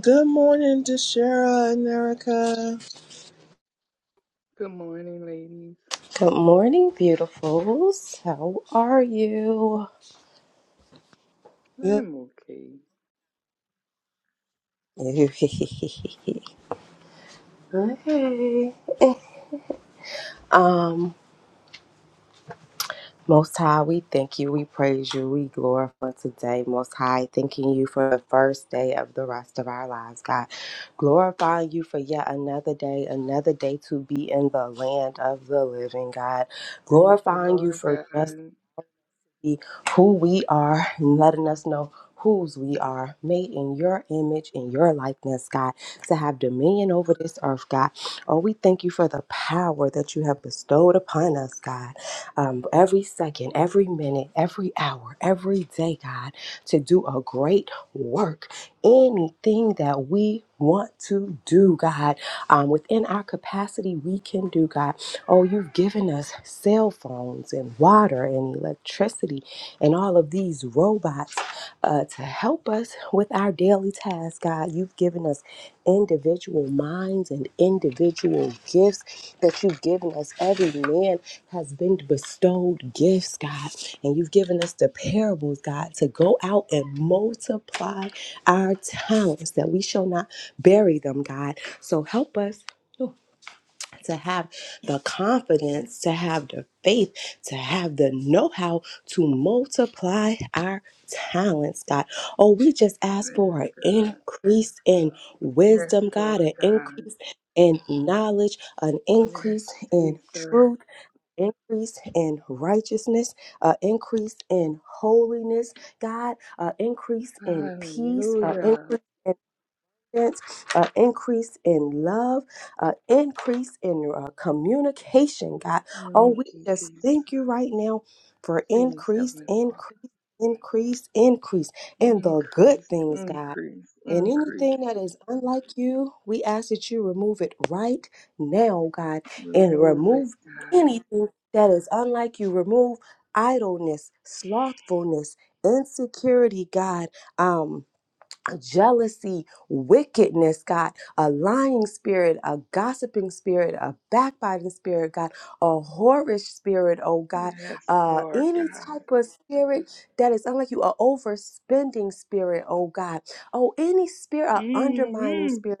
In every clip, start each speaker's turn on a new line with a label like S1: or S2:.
S1: Good morning, Deshara and Erica.
S2: Good morning, ladies.
S3: Good morning, beautifuls. How are you?
S1: Good-
S2: I'm okay.
S3: hey. Um, Most High, we thank you, we praise you, we glorify today. Most High, thanking you for the first day of the rest of our lives, God. Glorifying you for yet another day, another day to be in the land of the living, God.
S2: Thank you,
S3: Glorifying you
S2: Lord
S3: for
S2: God.
S3: just
S2: Yes,
S3: be who we are and letting us know whose we are, made in your image, in your likeness, God, to have dominion over this earth, God. Oh, we thank you for the power that you have bestowed upon us, God. Um, every second, every minute, every hour, every day, God, to do a great work. Anything that we want to do, God, um, within our capacity, we can do, God. Oh, you've given us cell phones and water and electricity and all of these robots uh, to help us with our daily tasks, God. You've given us individual minds and individual gifts that you've given us. Every man has been bestowed gifts, God. And you've given us the parables, God, to go out and multiply our talents that we shall not bury them, God. So help us to have the confidence, to have the faith, to have the know how to multiply our talents, God. Oh, we just ask for an
S2: God.
S3: increase in
S2: Yes,
S3: wisdom,
S2: Lord
S3: God, an
S2: God.
S3: increase in knowledge, an increase
S2: Yes,
S3: in
S2: Jesus.
S3: truth. Increase in righteousness, an increase in holiness, God, an increase in peace, an
S2: Hallelujah.
S3: increase uh, increase in love, uh, increase in uh, communication, God. Oh,
S2: Thank
S3: we
S2: you,
S3: just
S2: Jesus.
S3: thank you right now for
S2: Please,
S3: increase,
S2: Heavenly Father,
S3: increase, increase, increase, and the good
S2: increase,
S3: things, God.
S2: increase,
S3: And
S2: increase.
S3: anything that is unlike you, we ask that you remove it right now, God, and
S2: Remove it,
S3: remove
S2: God.
S3: anything that is unlike you. Remove idleness, slothfulness, insecurity, God. Um, jealousy, wickedness, God, a lying spirit, a gossiping spirit, a backbiting spirit, God, a whorish spirit, oh God,
S2: Yes,
S3: uh,
S2: Lord
S3: any
S2: God.
S3: type of spirit that is unlike you, a overspending spirit, oh God, oh, any spirit, a undermining
S2: hmm
S3: spirit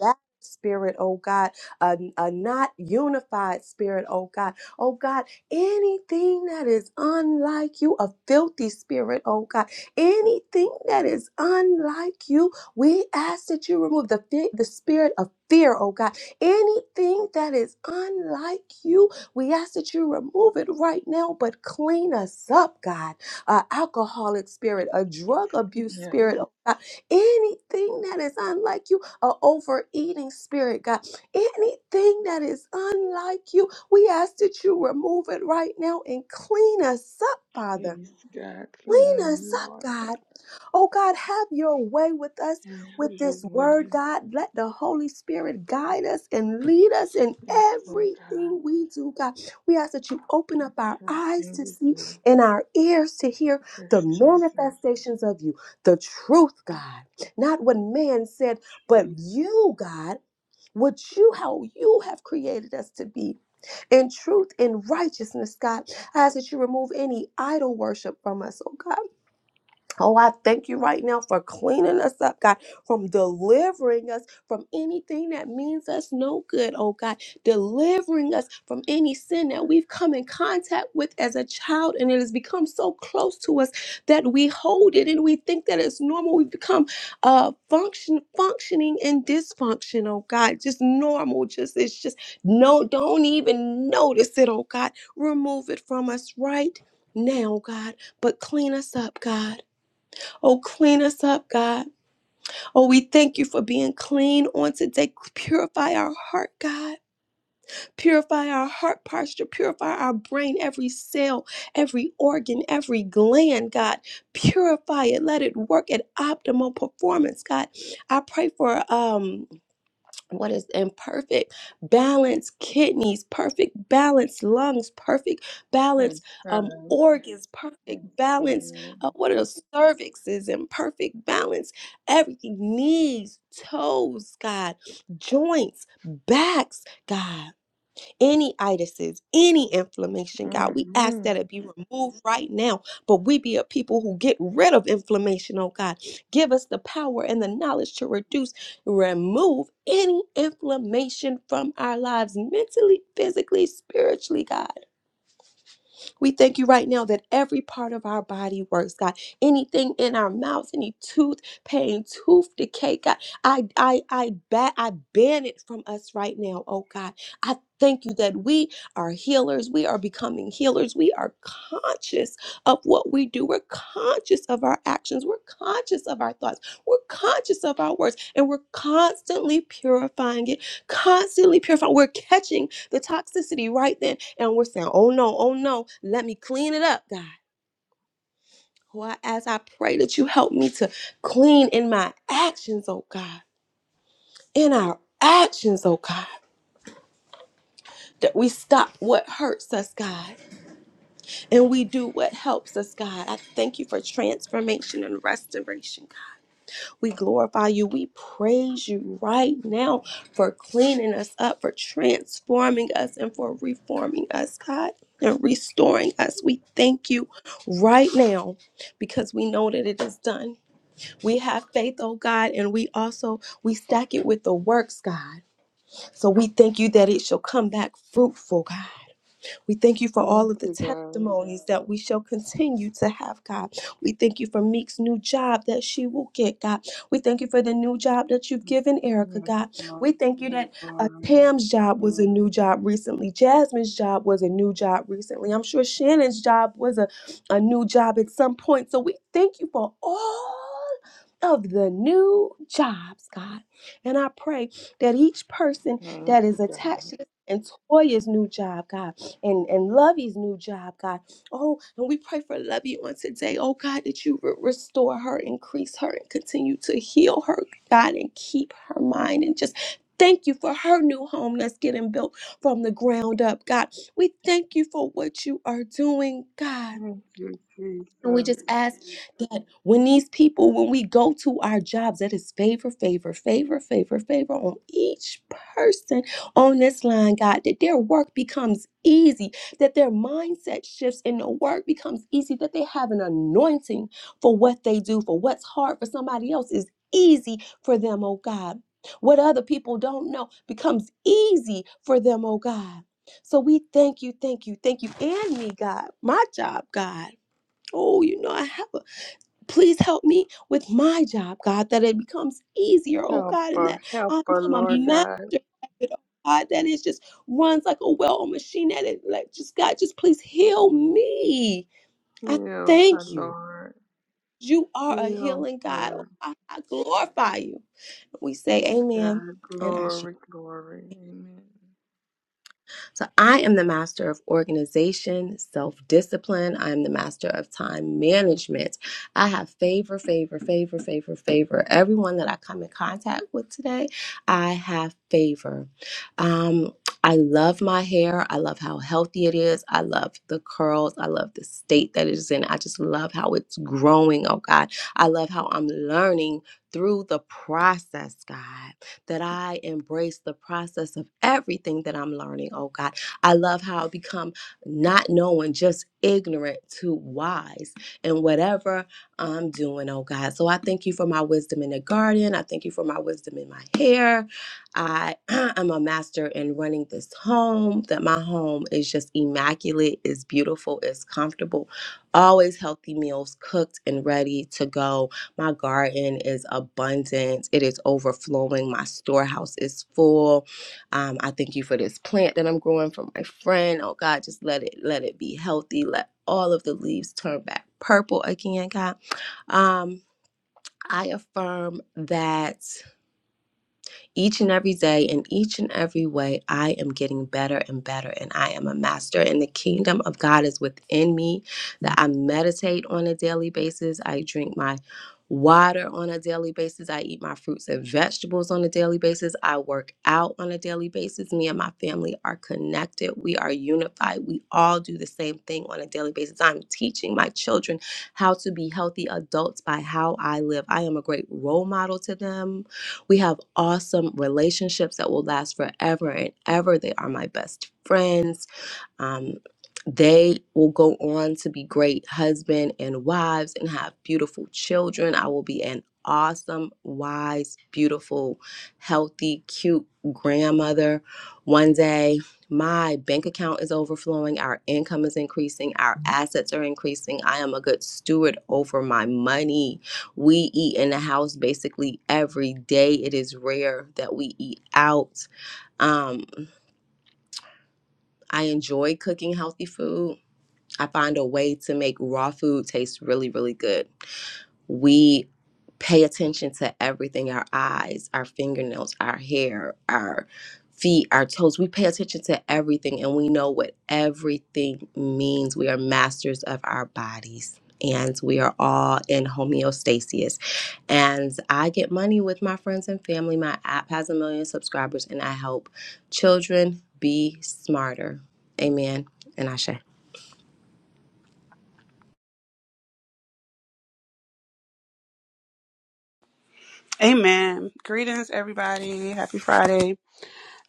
S3: that spirit, oh God, a, a not unified spirit, oh God. Oh God, anything that is unlike you, a filthy spirit, oh God, anything that is unlike you, we ask that you remove the, fe- the spirit of fear, oh God. Anything that is unlike you, we ask that you remove it right now, but clean us up, God. A alcoholic spirit, a drug abuse
S2: Yes.
S3: spirit, oh God, anything that is unlike you a overeating spirit, God. Anything that is unlike you, we ask that you remove it right now and clean us up, Father.
S2: Please, God, clean,
S3: Clean
S2: me,
S3: us up,
S2: Lord.
S3: God. Oh God, have your way with us
S2: And have
S3: with
S2: your
S3: this word,
S2: way.
S3: God. Let the Holy Spirit guide us and lead us in
S2: Yes, Lord God.
S3: everything we do, God. We ask that you open up our eyes
S2: Everything
S3: to
S2: we
S3: see
S2: do,
S3: and our ears to hear the
S2: yes, Jesus.
S3: manifestations of you, the truth, God. Not what man said, but
S2: Truth.
S3: you, God, what you, how you have created us to be in truth and righteousness, God. I ask that you remove any idol worship from us, oh God. Oh, I thank you right now for cleaning us up, God, from delivering us from anything that means us no good, oh God, delivering us from any sin that we've come in contact with as a child and it has become so close to us that we hold it and we think that it's normal. We've become uh function functioning and dysfunction, oh God, just normal. Just it's just no, don't even notice it, oh God. Remove it from us right now, God, but clean us up, God. Oh, clean us up, God. Oh, we thank you for being clean on today. Purify our heart, God. Purify our heart posture. Purify our brain, every cell, every organ, every gland, God. Purify it. Let it work at optimal performance, God. I pray for um what is imperfect balance kidneys perfect balance lungs perfect balance
S2: Yes,
S3: um
S2: God.
S3: organs
S2: Yes,
S3: perfect balance
S2: God.
S3: uh, what are those cervixes and perfect balance everything knees toes god joints backs god any itises, any inflammation, God. We ask
S2: Mm-hmm.
S3: that it be removed right now, but we be a people who get rid of inflammation, oh God. Give us the power and the knowledge to reduce, remove any inflammation from our lives, mentally, physically, spiritually, God. We thank you right now that every part of our body works, God. Anything in our mouths, any tooth pain, tooth decay, God, I I I bat I ban it from us right now, oh God. I thank you that we are healers. We are becoming healers. We are conscious of what we do. We're conscious of our actions. We're conscious of our thoughts. We're conscious of our words. And we're constantly purifying it, constantly purifying. We're catching the toxicity right then. And we're saying, oh no, oh no, let me clean it up, God. Oh, I ask, I pray that you help me to clean in my actions, oh God, in our actions, oh God. That we stop what hurts us, God, and we do what helps us, God. I thank you for transformation and restoration, God. We glorify you. We praise you right now for cleaning us up, for transforming us, and for reforming us, God, and restoring us. We thank you right now because we know that it is done. We have faith, oh God, and we also we stack it with the works, God. So we thank you that it shall come back fruitful, God. We thank you for all
S2: Thank
S3: of the
S2: you, God.
S3: testimonies that we shall continue to have, God. We thank you for Meek's new job that she will get, God. We thank you for the new job that you've given Erica, God.
S2: Yes,
S3: We thank you that uh,
S2: Lord.
S3: Tam's job was a new job recently. Jasmine's job was a new job recently. I'm sure Shannon's job was a, a new job at some point. So we thank you for all of the new jobs, God. And I pray that each person
S2: Thank
S3: that is
S2: you,
S3: attached
S2: God.
S3: to this and Toya's new job, God and, and Lovey's new job, God. Oh, and we pray for Lovey on today. Oh, God, that you would restore her, increase her, and continue to heal her, God, and keep her mind and just. Thank you for her new home that's getting built from the ground up, God. We thank you for what you are doing, God.
S2: Thank you,
S3: And we
S2: Jesus.
S3: just ask that when these people, when we go to our jobs, that is favor, favor, favor, favor, favor on each person on this line, God, that their work becomes easy, that their mindset shifts and the work becomes easy, that they have an anointing for what they do, for what's hard for somebody else is easy for them, oh God. What other people don't know becomes easy for them, oh God. So we thank you, thank you, thank you, and me, God, my job, God. Oh, you know, I have a. Please help me with my job, God, that it becomes easier, oh
S2: Help
S3: God, and
S2: her.
S3: that
S2: Help
S3: I
S2: her,
S3: become a
S2: Lord
S3: master
S2: God.
S3: at it, oh God, that it just runs like a well oiled machine at it. Like, just God, just please heal me. I
S2: Heal her,
S3: thank you.
S2: Lord.
S3: You are a
S2: Heal
S3: healing God. Oh,
S2: her.
S3: I, I glorify you. We say
S2: Yes,
S3: amen
S2: God.
S3: and Ashe.
S2: Glory, glory. Amen.
S3: So I am the master of organization, self discipline. I am the master of time management. I have favor, favor, favor, favor, favor. Everyone that I come in contact with today, I have favor. Um, I love my hair. I love how healthy it is. I love the curls. I love the state that it is in. I just love how it's growing, oh God. I love how I'm learning through the process, God that I embrace the process of everything that I'm learning, oh God. I love how I become not knowing, just ignorant to wise in whatever I'm doing, oh God. So I thank you for my wisdom in the garden. I thank you for my wisdom in my hair. I am a master in running this home, that my home is just immaculate, is beautiful, is comfortable, always healthy meals cooked and ready to go my garden is abundant. It is overflowing. My storehouse is full. Um, I thank you for this plant that I'm growing for my friend. Oh God, just let it let it be healthy. Let all of the leaves turn back purple again, God. Um, I affirm that. Each and every day, in each and every way, I am getting better and better, and I am a master. And the kingdom of God is within me that I meditate on a daily basis. I drink my water on a daily basis. I eat my fruits and vegetables on a daily basis. I work out on a daily basis. Me and my family are connected. We are unified. We all do the same thing on a daily basis. I'm teaching my children how to be healthy adults by how I live. I am a great role model to them. We have awesome relationships that will last forever and ever. They are my best friends um, they will go on to be great husband and wives and have beautiful children. I will be an awesome, wise, beautiful, healthy, cute grandmother. One day, my bank account is overflowing, our income is increasing, our assets are increasing. I am a good steward over my money. We eat in the house basically every day. It is rare that we eat out. Um, I enjoy cooking healthy food. I find a way to make raw food taste really, really good. We pay attention to everything our eyes, our fingernails, our hair, our feet, our toes. We pay attention to everything and we know what everything means. We are masters of our bodies and we are all in homeostasis. And I get money with my friends and family. My app has a million subscribers and I help children be smarter. Amen. And I
S4: Amen. Greetings, everybody. Happy Friday.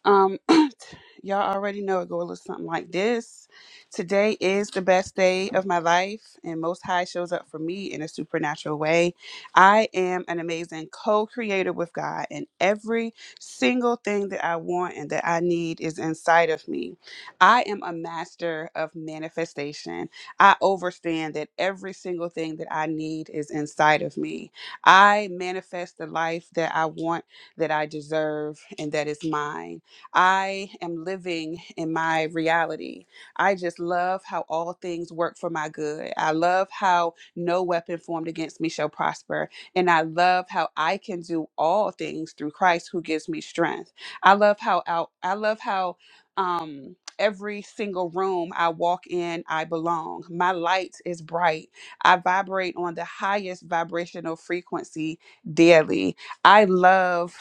S4: Um, y'all already know it go a little something like this. Today is the best day of my life, and Most High shows up for me in a supernatural way. I am an amazing co-creator with God, and every single thing that I want and that I need is inside of me. I am a master of manifestation. I overstand that every single thing that I need is inside of me. I manifest the life that I want, that I deserve, and that is mine. I am living in my reality. I just love how all things work for my good. I love how no weapon formed against me shall prosper. And I love how I can do all things through Christ who gives me strength. I love how out I love how um every single room I walk in, I belong. My light is bright. I vibrate on the highest vibrational frequency daily. I love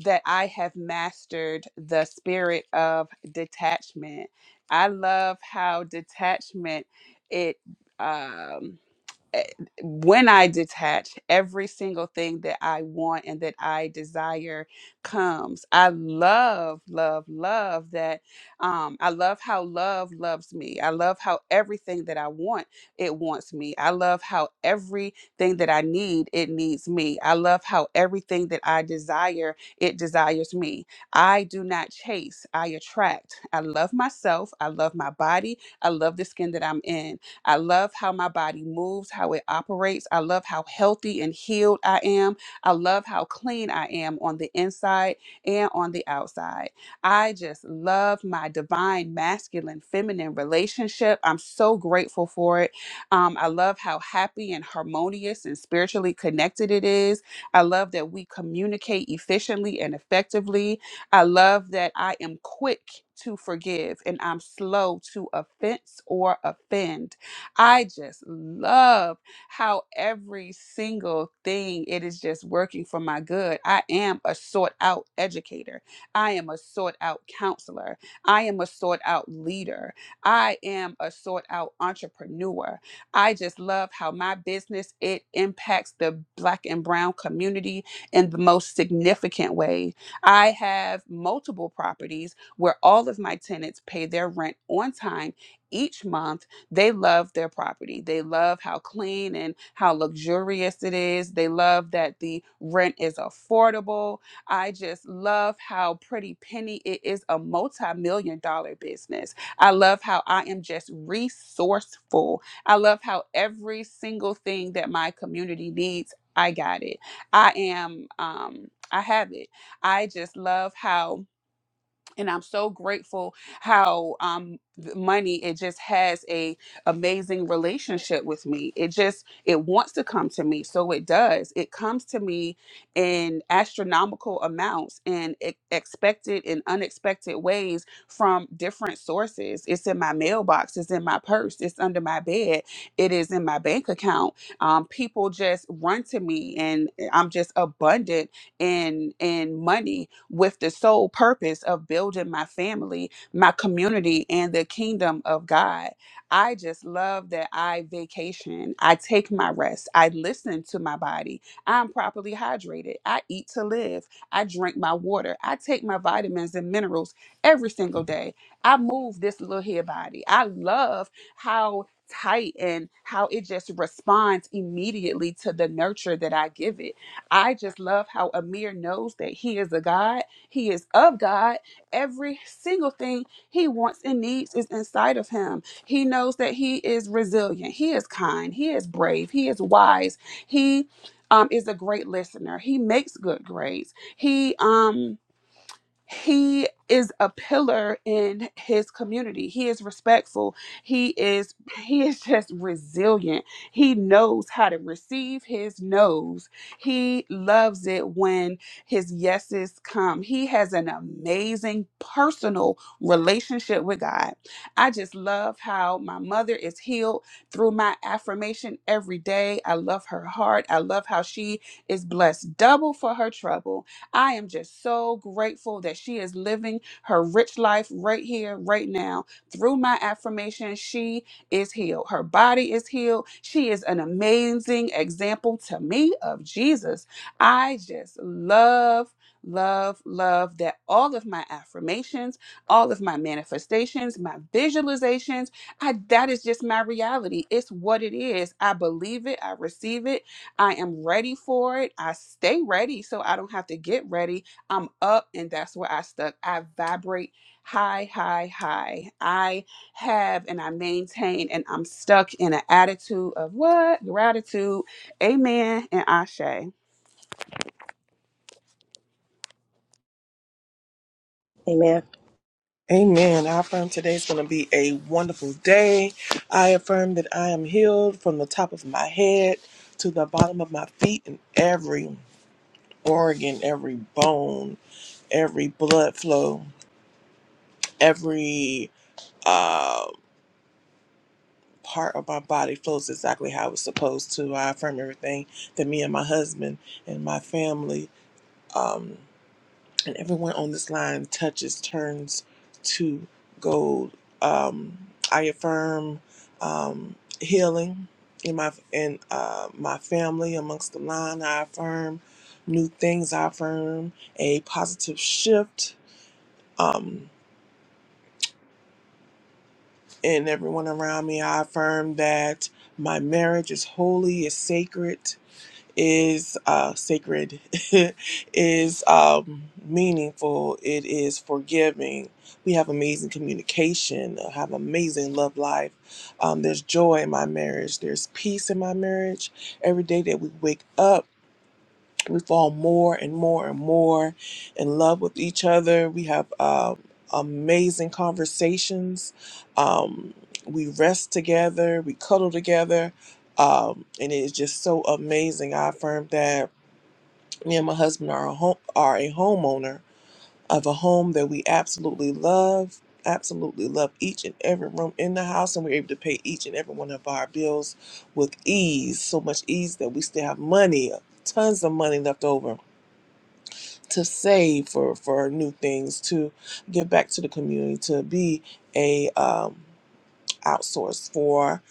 S4: that I have mastered the spirit of detachment. I love how detachment it um eh, when I detach, every single thing that I want and that I desire comes. I love, love, love that. Um, I love how love loves me. I love how everything that I want, it wants me. I love how everything that I need, it needs me. I love how everything that I desire, it desires me. I do not chase, I attract. I love myself. I love my body. I love the skin that I'm in. I love how my body moves, how it operates. I love how healthy and healed I am. I love how clean I am on the inside and on the outside. I just love my divine masculine feminine relationship. I'm so grateful for it. Um, I love how happy and harmonious and spiritually connected it is. I love that we communicate efficiently and effectively. I love that I am quick to forgive and I'm slow to offense or offend. I just love how every single thing it is just working for my good. I am a sought out educator. I am a sought out counselor. I am a sought out leader. I am a sought out entrepreneur. I just love how my business it impacts the black and brown community in the most significant way. I have multiple properties where all of my tenants pay their rent on time each month they love their property. They love how clean and how luxurious it is. They love that the rent is affordable. I just love how Pretty Penny it is a multi-million dollar business. I love how I am just resourceful. I love how every single thing that my community needs, I got it. I am um I have it. I just love how and I'm so grateful how um th- money it just has a amazing relationship with me. It just it wants to come to me, so it does. It comes to me in astronomical amounts and e- expected and unexpected ways from different sources. It's in my mailbox, it's in my purse, it's under my bed, it is in my bank account. Um, people just run to me, and eh, I'm just abundant and and money with the sole purpose of building my family, my community, and the kingdom of God. I just love that I vacation. I take my rest. I listen to my body. I'm properly hydrated. I eat to live. I drink my water. I take my vitamins and minerals every single day. I move this little here body. I love how tight and how it just responds immediately to the nurture that I give it. I just love how Amir knows that he is a God, he is of God. Every single thing he wants and needs is inside of him. He knows that he is resilient, he is kind, he is brave, he is wise, he um, is a great listener, he makes good grades, he um he is a pillar in his community he is respectful he is he is just resilient he knows how to receive his no's he loves it when his yeses come he has an amazing personal relationship with god i just love how my mother is healed through my affirmation every day i love her heart i love how she is blessed double for her trouble I am just so grateful that she is living her rich life right here, right now. Through my affirmation, she is healed. Her body is healed. She is an amazing example to me of Jesus. I just love. Love, love that all of my affirmations, all of my manifestations, my visualizations, I, that is just my reality. It's what it is. I believe it. I receive it I am ready for it. I stay ready so I don't have to get ready. I'm up and that's where I stuck. I vibrate high, high, high. I have and I maintain and I'm stuck in an attitude of what? Gratitude. Amen and Ashe. I'm
S3: Amen.
S1: Amen. I affirm today is going to be a wonderful day. I affirm that I am healed from the top of my head to the bottom of my feet and every organ, every bone, every blood flow, every uh, part of my body flows exactly how it's supposed to. I affirm everything that me and my husband and my family. Um, and everyone on this line touches turns to gold. Um, I affirm um, healing in my in uh, my family amongst the line. I affirm new things. I affirm a positive shift um, in everyone around me. I affirm that my marriage is holy, is sacred. is uh, sacred, is um, meaningful, it is forgiving. We have amazing communication, I have amazing love life. Um, there's joy in my marriage, there's peace in my marriage. Every day that we wake up, we fall more and more and more in love with each other. We have um, amazing conversations. Um, we rest together. We cuddle together. Um, and it is just so amazing. I affirm that me and my husband are a, home, are a homeowner of a home that we absolutely love. Absolutely love each and every room in the house, and we're able to pay each and every one of our bills with ease. So much ease that we still have money, tons of money left over to save for for new things to give back to the community to be a um outsource for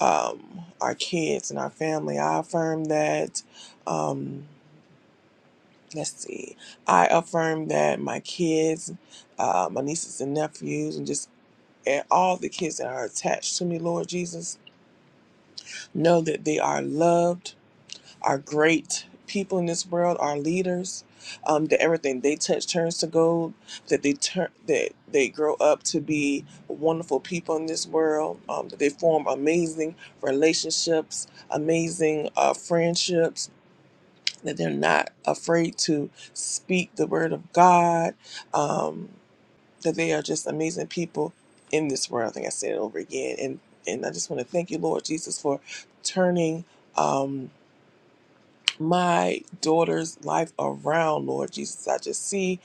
S1: um our kids and our family i affirm that um let's see i affirm that my kids uh, my nieces and nephews and just and all the kids that are attached to me lord jesus know that they are loved are great people in this world, are leaders. Um, that everything they touch turns to gold. That they turn that they grow up to be wonderful people in this world. Um, that they form amazing relationships, amazing uh, friendships. That they're not afraid to speak the word of God. Um, that they are just amazing people in this world. I think I said it over again, and and I just want to thank you, Lord Jesus, for turning. Um, my daughter's life around, Lord Jesus. I just see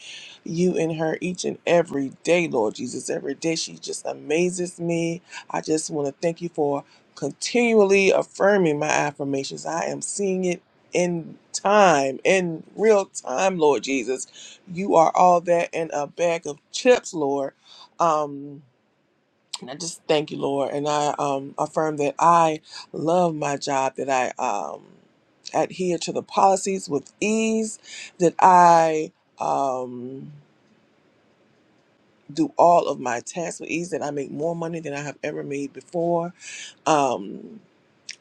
S1: you in her each and every day, Lord Jesus. Every day she just amazes me. I just want to thank you for continually affirming my affirmations. I am seeing it in time, in real time, Lord Jesus. You are all that and a bag of chips, Lord. Um, and I just thank you, Lord, and I um, affirm that I love my job, that I um, adhere to the policies with ease, that I um, do all of my tasks with ease, that I make more money than I have ever made before, um,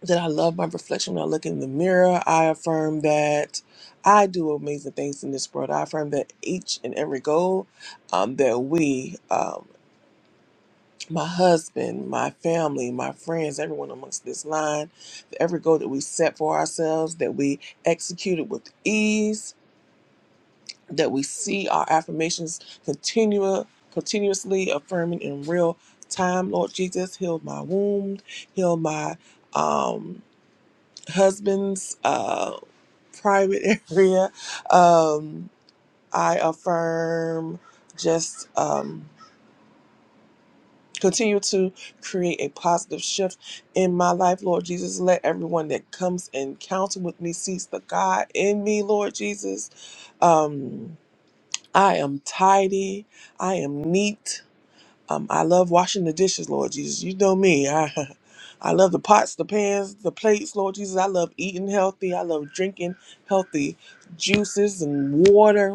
S1: that I love my reflection when I look in the mirror. I affirm that I do amazing things in this world. I affirm that each and every goal um, that we um, my husband, my family, my friends, everyone amongst this line, that every goal that we set for ourselves, that we executed with ease, that we see our affirmations continua, continuously affirming in real time. Lord Jesus, heal my wound, heal my um, husband's uh, private area. Um, I affirm just. Um, Continue to create a positive shift in my life, Lord Jesus. Let everyone that comes and counsel with me sees the God in me, Lord Jesus. Um, I am tidy. I am neat. Um, I love washing the dishes, Lord Jesus. You know me. I, I love the pots, the pans, the plates, Lord Jesus. I love eating healthy. I love drinking healthy juices and water.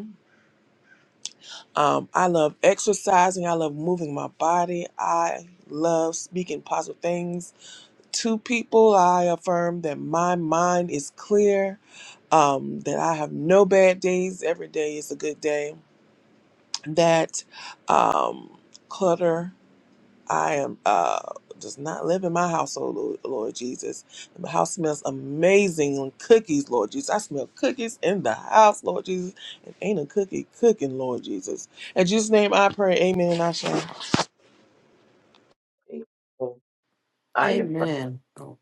S1: Um, I love exercising. I love moving my body. I love speaking positive things to people. I affirm that my mind is clear, um, that I have no bad days. Every day is a good day. That um, clutter. I am uh does not live in my household, Lord, Lord Jesus. The house smells amazing on cookies, Lord Jesus. I smell cookies in the house, Lord Jesus. It ain't a cookie cooking, Lord Jesus. In Jesus' name I pray, amen and I shall.
S5: So I affirm,
S6: Amen. Oh,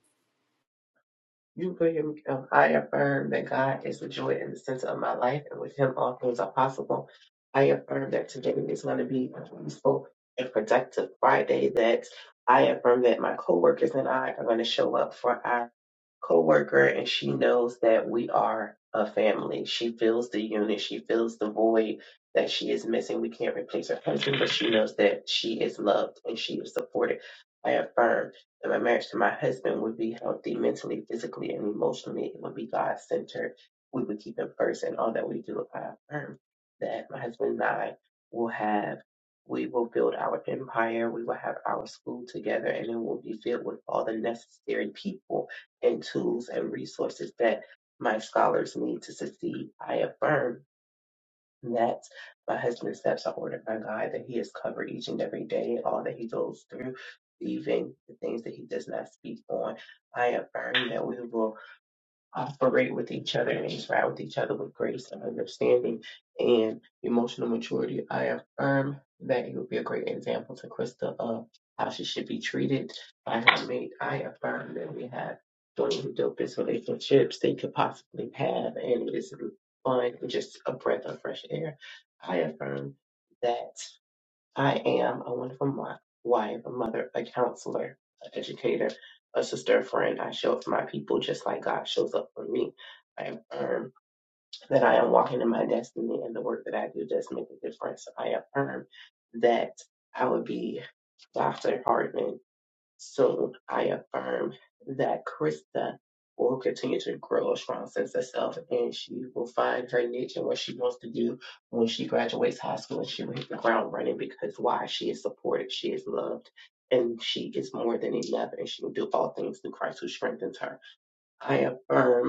S5: you, William, um, I affirm that God is the joy and the center of my life, and with Him all things are possible. I affirm that today is going to be a peaceful and productive Friday. That I affirm that my coworkers and I are going to show up for our coworker and she knows that we are a family. She feels the unit, she feels the void that she is missing. We can't replace her husband, but she knows that she is loved and she is supported. I affirm that my marriage to my husband would be healthy mentally, physically, and emotionally. It would be God centered. We would keep him first in all that we do. I affirm that my husband and I will have we will build our empire. We will have our school together, and it will be filled with all the necessary people and tools and resources that my scholars need to succeed. I affirm that my husband's steps are ordered by God, that he is covered each and every day, all that he goes through, even the things that he does not speak on. I affirm that we will operate with each other and interact with each other with grace and understanding and emotional maturity. I affirm that you will be a great example to Krista of how she should be treated by her mate. I affirm that we have one of the dopest relationships they could possibly have, and it is fun and just a breath of fresh air. I affirm that. I am a wonderful mo- wife, a mother, a counselor, an educator, a sister, a friend. I show up for my people just like God shows up for me. I affirm that I am walking in my destiny and the work that I do does make a difference. I affirm that I would be Dr. Hartman so I affirm that Krista will continue to grow a strong sense of self and she will find her niche and what she wants to do when she graduates high school and she will hit the ground running because why? She is supported, she is loved, and she is more than enough and she will do all things through Christ who strengthens her. I affirm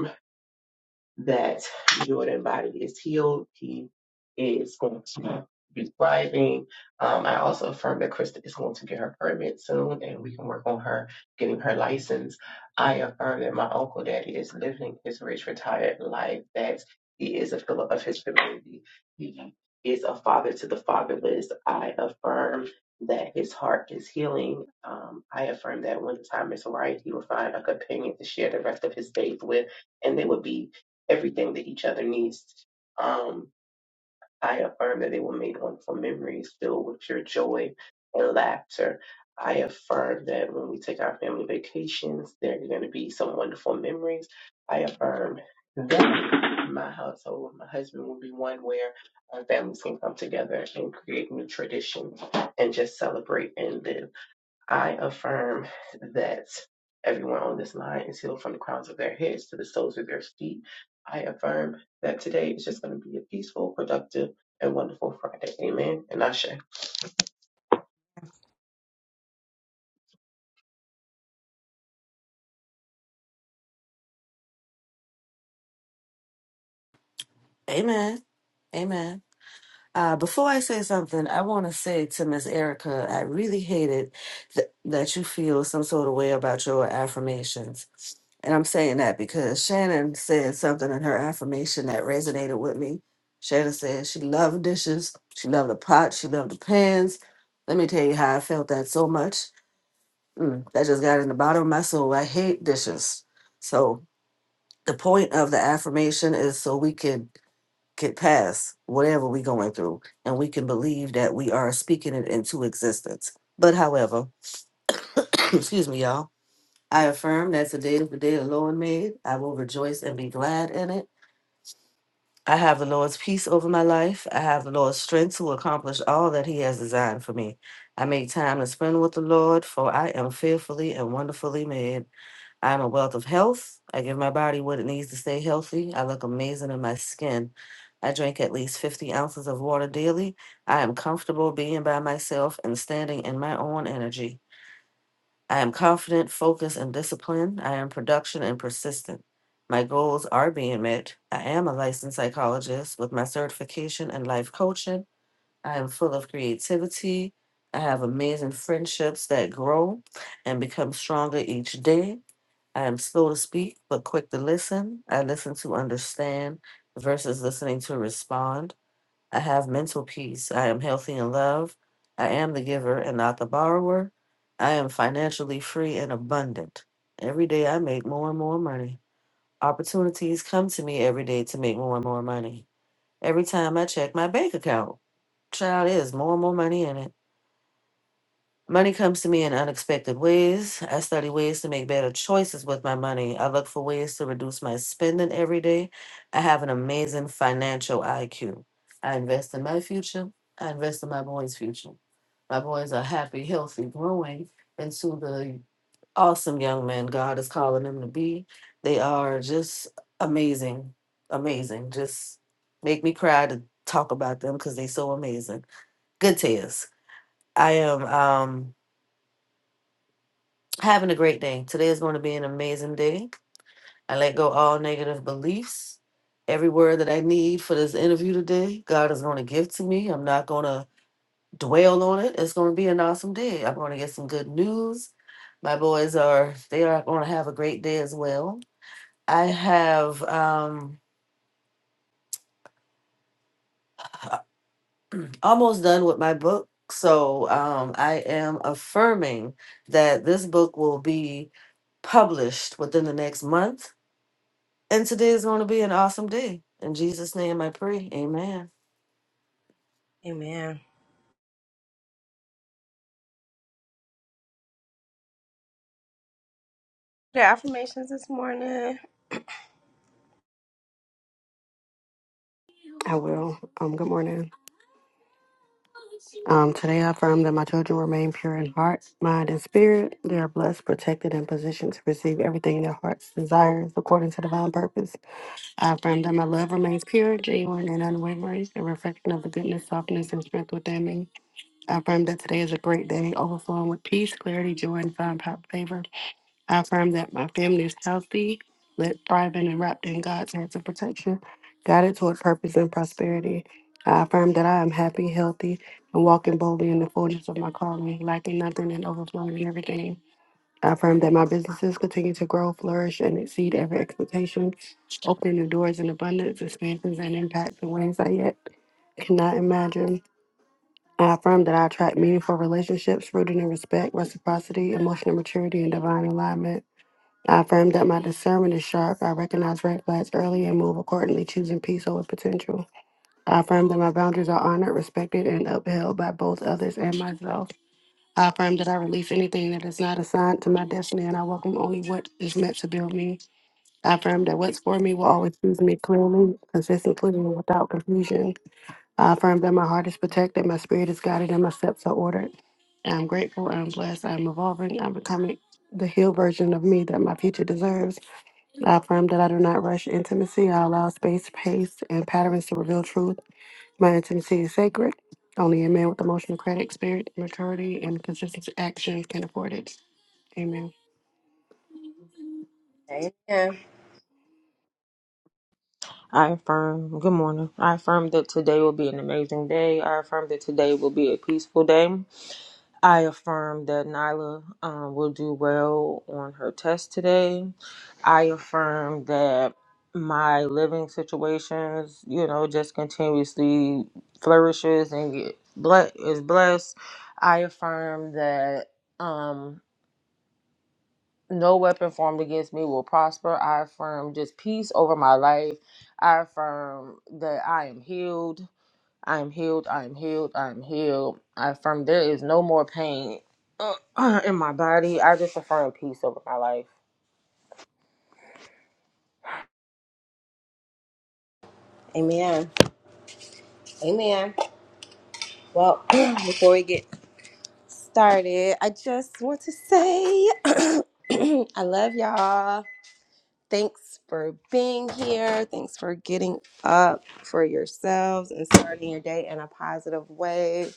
S5: that Jordan body is healed. He is going to be thriving. Um, I also affirm that Krista is going to get her permit soon and we can work on her getting her license. I affirm that my uncle daddy is living his rich retired life, that he is a pillar of his community. He is a father to the fatherless. I affirm that his heart is healing. Um, I affirm that when the time is right, he will find a companion to share the rest of his days with, and they will be everything that each other needs. Um, I affirm that they were made wonderful memories filled with pure joy and laughter. I affirm that when we take our family vacations, there are going to be some wonderful memories. I affirm that my household, with my husband will be one where our families can come together and create new traditions and just celebrate and live. I affirm that everyone on this line is healed from the crowns of their heads to the soles of their feet. I affirm that today is just going to be a peaceful, productive, and wonderful Friday. Amen. And Ashe.
S6: Amen. Amen. Uh, before I say something, I want to say to Miss Erica, I really hate it th- that you feel some sort of way about your affirmations. And I'm saying that because Shannon said something in her affirmation that resonated with me. Shannon said she loved dishes, she loved the pot, she loved the pans. Let me tell you how I felt that so much. Mm, that just got in the bottom of my soul. I hate dishes. So the point of the affirmation is so we can get past whatever we're going through and we can believe that we are speaking it into existence. But however, excuse me, y'all, I affirm that today is the day the Lord made. I will rejoice and be glad in it. I have the Lord's peace over my life. I have the Lord's strength to accomplish all that He has designed for me. I make time to spend with the Lord, for I am fearfully and wonderfully made. I'm a wealth of health. I give my body what it needs to stay healthy. I look amazing in my skin. I drink at least 50 ounces of water daily. I am comfortable being by myself and standing in my own energy. I am confident, focused, and disciplined. I am production and persistent. My goals are being met. I am a licensed psychologist with my certification in life coaching. I am full of creativity. I have amazing friendships that grow and become stronger each day. I am slow to speak, but quick to listen. I listen to understand versus listening to respond. I have mental peace. I am healthy in love. I am the giver and not the borrower. I am financially free and abundant. Every day I make more and more money. Opportunities come to me every day to make more and more money. Every time I check my bank account, child, there's more and more money in it. Money comes to me in unexpected ways. I study ways to make better choices with my money. I look for ways to reduce my spending every day. I have an amazing financial IQ. I invest in my future. I invest in my boys' future. My boys are happy, healthy, growing into the awesome young men God is calling them to be. They are just amazing, amazing. Just make me cry to talk about them because they're so amazing. Good tears. I am. Um, having a great day. Today is going to be an amazing day. I let go all negative beliefs. Every word that I need for this interview today, God is going to give to me. I'm not going to dwell on it. It's going to be an awesome day. I'm going to get some good news. My boys are they are going to have a great day as well. I have um almost done with my book. So um, I am affirming that this book will be published within the next month And today is going to be an awesome day. In Jesus' name I pray. Amen.
S3: Amen. The affirmations this morning.
S7: I will. Um, good morning. Um, today I affirm that my children remain pure in heart, mind, and spirit. They are blessed, protected, and positioned to receive everything their hearts desires according to divine purpose. I affirm that my love remains pure, genuine, and unwavering, a reflection of the goodness, softness, and strength within me. I affirm that today is a great day, overflowing with peace, clarity, joy, and fine favor. I affirm that my family is healthy, lit, thriving, and wrapped in God's hands of protection, guided toward purpose and prosperity. I affirm that I am happy, healthy, and walking boldly in the fullness of my calling, lacking nothing and overflowing in everything. I affirm that my businesses continue to grow, flourish, and exceed every expectation, opening new doors in abundance, expansions, and impacts in ways I yet cannot imagine. I affirm that I attract meaningful relationships rooted in respect, reciprocity, emotional maturity, and divine alignment. I affirm that my discernment is sharp. I recognize red flags early and move accordingly, choosing peace over potential. I affirm that my boundaries are honored, respected, and upheld by both others and myself. I affirm that I release anything that is not assigned to my destiny and I welcome only what is meant to build me. I affirm that what's for me will always choose me clearly, consistently, and without confusion. I affirm that my heart is protected, my spirit is guided, and my steps are ordered. I'm grateful, I'm blessed, I'm evolving, I'm becoming the healed version of me that my future deserves. I affirm that I do not rush intimacy. I allow space, pace, and patterns to reveal truth. My intimacy is sacred. Only a man with emotional credit, spirit, maturity, and consistent actions can afford it. Amen.
S3: Amen.
S8: I affirm, good morning. I affirm that today will be an amazing day. I affirm that today will be a peaceful day. I affirm that Nyla um, will do well on her test today. I affirm that my living situations, you know, just continuously flourishes and get ble- is blessed. I affirm that. Um, no weapon formed against me will prosper. I affirm just peace over my life. I affirm that I am healed. I am healed. I am healed. I am healed. I affirm there is no more pain in my body. I just affirm peace over my life.
S3: Amen. Amen. Well, before we get started, I just want to say I love y'all. Thanks for being here. Thanks for getting up for yourselves and starting your day in a positive way.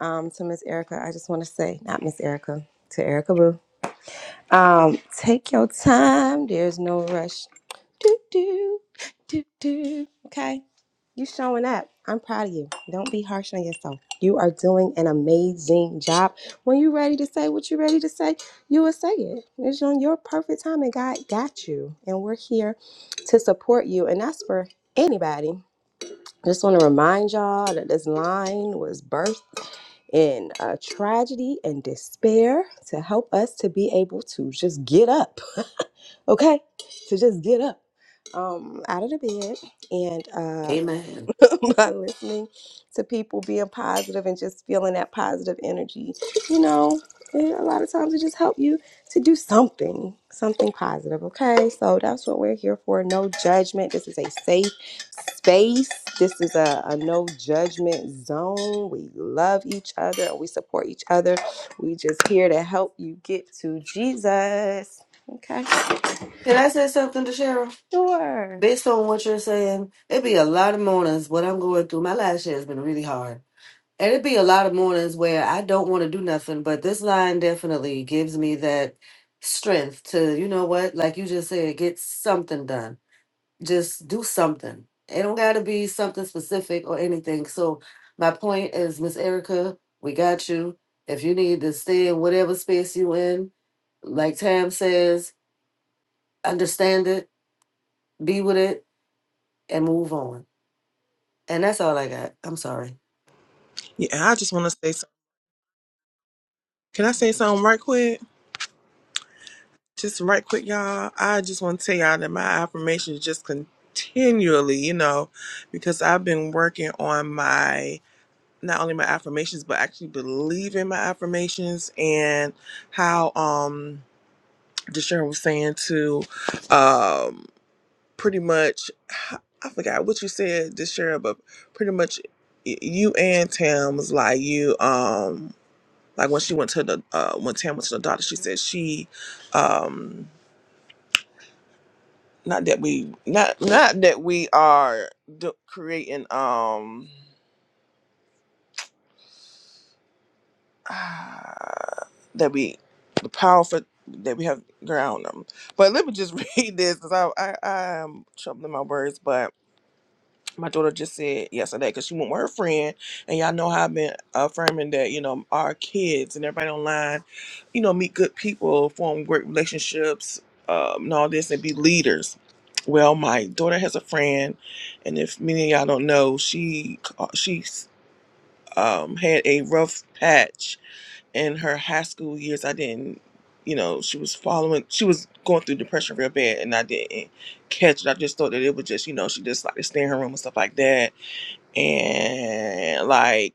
S3: Um, to Miss Erica, I just want to say, not Miss Erica, to Erica Boo. Um, take your time. There's no rush. Do do do do. Okay, you showing up. I'm proud of you. Don't be harsh on yourself. You are doing an amazing job. When you're ready to say what you're ready to say, you will say it. It's on your perfect time, and God got you. And we're here to support you, and that's for anybody. Just want to remind y'all that this line was birthed in uh, tragedy and despair to help us to be able to just get up okay to just get up um out of the bed and uh
S6: Amen.
S3: by listening to people being positive and just feeling that positive energy you know it, a lot of times it just helps you to do something something positive okay so that's what we're here for no judgment this is a safe space this is a, a no judgment zone we love each other we support each other we just here to help you get to jesus okay
S6: Can I say something to Cheryl?
S3: Sure.
S6: Based on what you're saying, it'd be a lot of mornings what I'm going through. My last year has been really hard. And it'd be a lot of mornings where I don't want to do nothing, but this line definitely gives me that strength to, you know what, like you just said, get something done just do something. It don't gotta be something specific or anything. So my point is, Miss Erica, we got you. If you need to stay in whatever space you in, like Tam says, understand it, be with it, and move on. And that's all I got. I'm sorry.
S1: Yeah, and I just want to say something. Can I say something right quick? Just right quick, y'all. I just want to tell y'all that my affirmations just continually, you know, because I've been working on my not only my affirmations but actually believe in my affirmations and how um Deshaun was saying to um pretty much I forgot what you said Deshaun but pretty much y- you and Tam was like you um like when she went to the uh when Tam went to the doctor she said she um not that we not not that we are do- creating um that we the power for that we have ground them. But let me just read this because I, I I am troubling my words. But my daughter just said yesterday because she went with her friend, and y'all know how I've been affirming that you know our kids and everybody online, you know, meet good people, form great relationships, um, and all this, and be leaders. Well, my daughter has a friend, and if many of y'all don't know, she she um, had a rough patch in her high school years i didn't you know she was following she was going through depression real bad and i didn't catch it i just thought that it was just you know she just like to stay in her room and stuff like that and like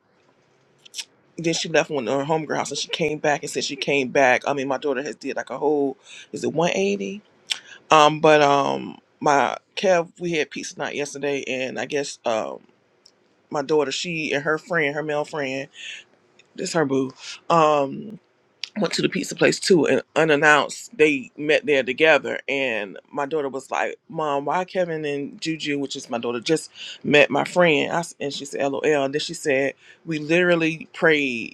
S1: then she left one to her homegirl house and she came back and said she came back i mean my daughter has did like a whole is it 180 um but um my kev we had pizza night yesterday and i guess um my daughter she and her friend her male friend this her boo um went to the pizza place too and unannounced they met there together and my daughter was like mom why kevin and juju which is my daughter just met my friend I s and she said lol and then she said we literally prayed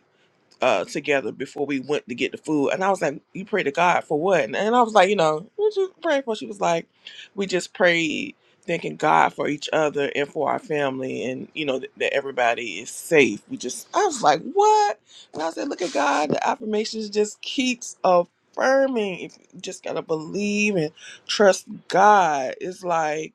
S1: uh together before we went to get the food and i was like you pray to god for what and, and i was like you know what you praying for she was like we just prayed thanking god for each other and for our family and you know that that everybody is safe we just i was like what and i said look at god the affirmations just keeps affirming if you just gotta believe and trust god it's like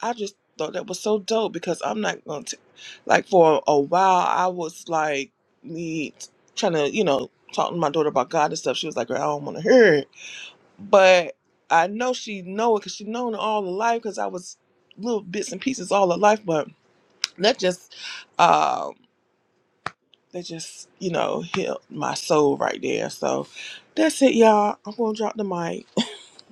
S1: I just thought that was so dope because I'm not going to, like, for a while, I was like, me trying to, you know, talking to my daughter about God and stuff. She was like, girl, I don't want to hear it. But I know she know it because she known it all her life because I was little bits and pieces all her life. But that just, um, that just, you know, hit my soul right there. So that's it, y'all. I'm going to drop the mic.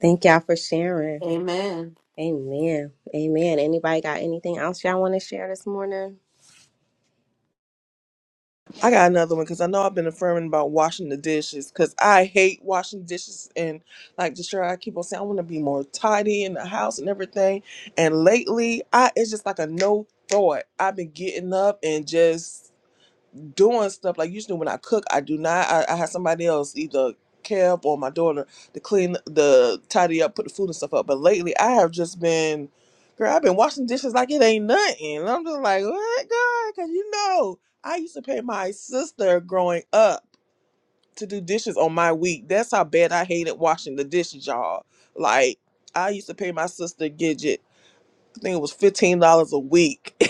S3: Thank y'all for sharing.
S6: Amen.
S3: Amen. Amen. Anybody got anything else y'all want to share this morning?
S1: I got another one because I know I've been affirming about washing the dishes because I hate washing dishes and like Deshaun, I keep on saying I want to be more tidy in the house and everything. And lately, I it's just like a no thought. I've been getting up and just doing stuff like usually when I cook, I do not. I, I have somebody else either Kev or my daughter to clean the tidy up, put the food and stuff up. But lately, I have just been, girl, I've been washing dishes like it ain't nothing. And I'm just like, what, God? Because you know, I used to pay my sister growing up to do dishes on my week. That's how bad I hated washing the dishes, y'all. Like I used to pay my sister Gidget. I think it was fifteen dollars a week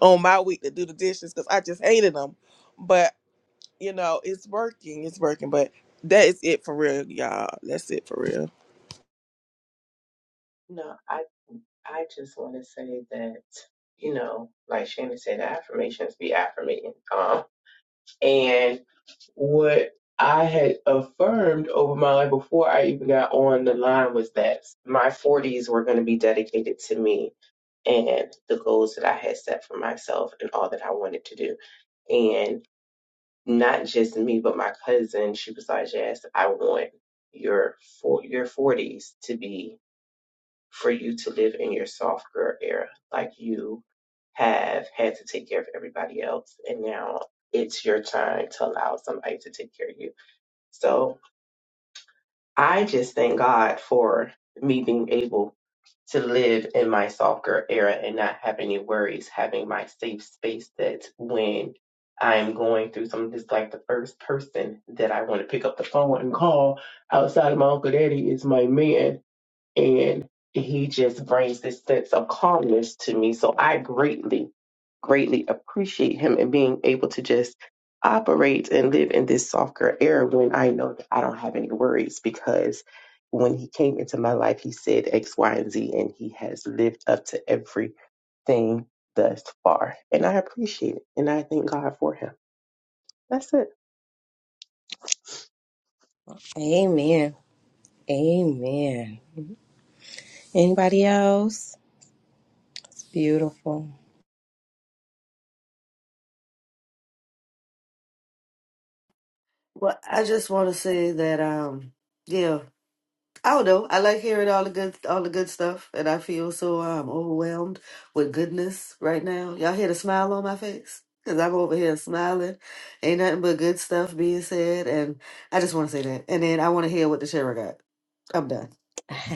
S1: on my week to do the dishes because I just hated them. But you know, it's working, it's working, but that is it for real, y'all. That's it for real.
S5: No, I I just want to say that you know, like Shannon said, the affirmations be affirmating. Um, and what I had affirmed over my life before I even got on the line was that my 40s were going to be dedicated to me and the goals that I had set for myself and all that I wanted to do. And not just me, but my cousin, she was like, Jazz, I want your for your 40s to be for you to live in your soft girl era. Like you have had to take care of everybody else, and now it's your time to allow somebody to take care of you so I just thank God for me being able to live in my softer era and not have any worries, having my safe space that when I'm going through something, just like the first person that I want to pick up the phone and call outside of my Uncle Daddy is my man and he just brings this sense of calmness to me. So I greatly, greatly appreciate him and being able to just operate and live in this softer era when I know that I don't have any worries because when he came into my life, he said X, Y, and Z, and he has lived up to everything thus far. And I appreciate it. And I thank God for him. That's it.
S3: Amen. Amen. Anybody else? It's beautiful.
S6: Well, I just want to say that, um, yeah, I don't know. I like hearing all the good, all the good stuff, and I feel so um overwhelmed with goodness right now. Y'all hear the smile on my face? Cause I'm over here smiling. Ain't nothing but good stuff being said, and I just want to say that. And then I want to hear what the sheriff got. I'm done.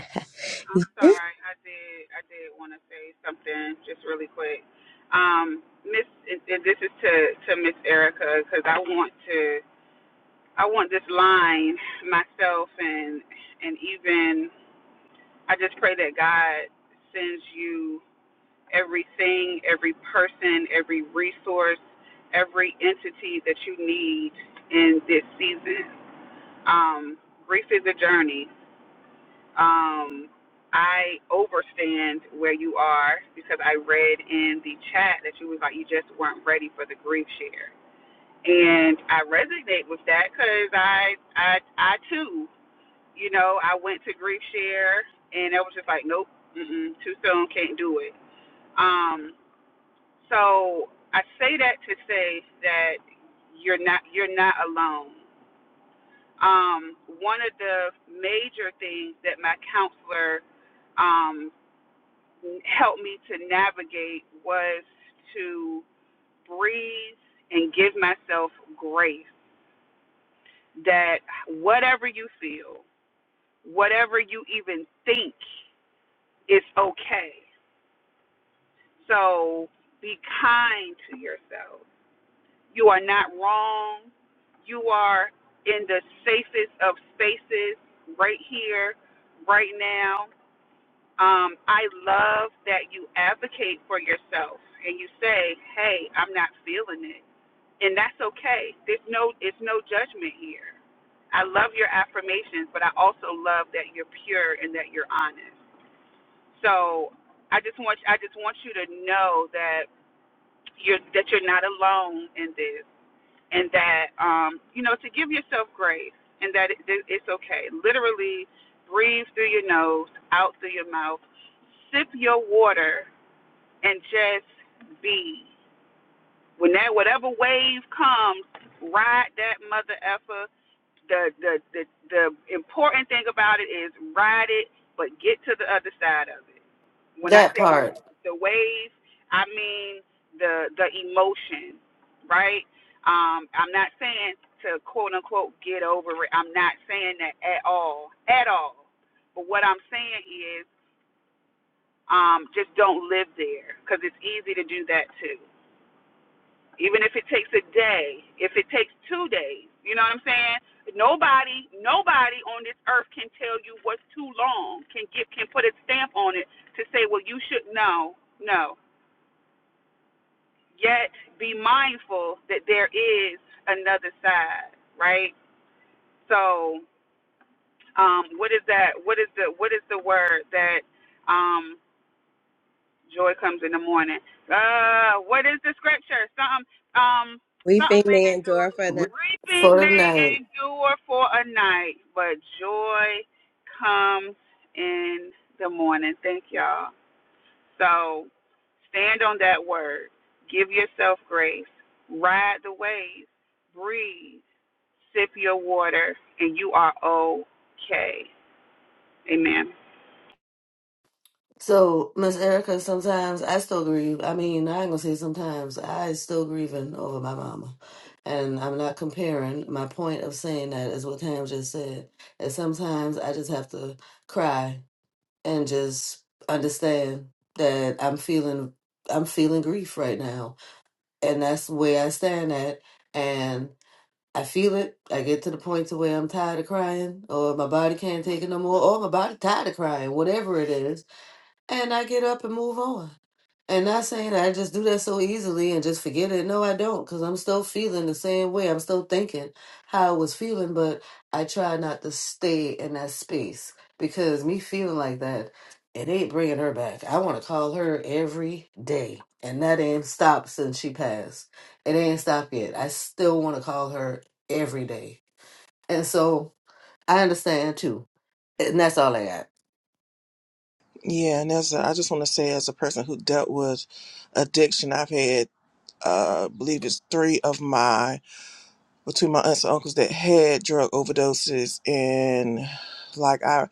S4: sorry. I did. I did want to say something just really quick. Um, Miss, and and this is to to Miss Erica because I want to. I want this line myself and and even I just pray that God sends you everything, every person, every resource, every entity that you need in this season. Um, grief is a journey. Um, I overstand where you are because I read in the chat that you was like you just weren't ready for the grief share, and I resonate with that because I I I too you know, I went to grief share and it was just like, nope, mm-mm, too soon, can't do it. Um, so I say that to say that you're not you're not alone. Um, one of the major things that my counselor um, helped me to navigate was to breathe and give myself grace. That whatever you feel, whatever you even think, is okay So be kind to yourself. You are not wrong. You are in the safest of spaces right here, right now. Um, I love that you advocate for yourself and you say, hey, I'm not feeling it. And that's okay. There's no, it's no judgment here. I love your affirmations, but I also love that you're pure and that you're honest. So I just want, I just want you to know that you're that you're not alone in this, and that um, you know to give yourself grace, and that it, that it's okay. Literally, breathe through your nose, out through your mouth, sip your water, and just be. When that whatever wave comes, ride that mother effer the the the, the important thing about it is ride it, but get to the other side of it. When I
S6: That
S4: say the,
S6: part
S4: the wave, I mean the the emotion, right? Um, I'm not saying to quote unquote get over it. I'm not saying that at all, at all. But what I'm saying is, um, just don't live there because it's easy to do that too even if it takes a day, if it takes two days, you know what I'm saying? Nobody, nobody on this earth can tell you what's too long, can give, can put a stamp on it to say, well, you should know, no. Yet be mindful that there is another side, right? So, um, what is that? What is the what is the word that? um, Joy comes in the morning. Uh, what is the scripture? Something, um,
S3: Weeping
S4: something may
S3: may
S4: endure.
S3: endure for the but
S4: Reaping
S6: for the
S4: may
S6: night.
S4: endure for a night, but joy comes in the morning. Thank y'all. So stand on that word. Give your grace the ways. Sip your water, and you are okay. Amen.
S6: So, Miss Erica, sometimes I still grieve. I mean, I ain't gonna say sometimes. I still grieving over my mama. And I'm not comparing. My point of saying that is what Tam just said. And sometimes I just have to cry and just understand that I'm feeling I'm feeling grief right now. And that's where I stand at. And I feel it. I get to the point to where I'm tired of crying or my body can't take it no more or my body tired of crying, whatever it is and I get up and move on. And not saying I just do that so easily and just forget it. No, I don't, because I'm still feeling the same way. I'm still thinking how I was feeling, but I try not to stay in that space because me feeling like that, it ain't bringing her back. I want to call her every day, and that ain't stopped since she passed. It ain't stopped yet. I still want to call her every day. And so I understand too. And that's all I got.
S1: Yeah, and as a, I just want to say, as a person who dealt with addiction, I've had, uh, believe it's three of my, well, two of my aunts and uncles that had drug overdoses, and like I,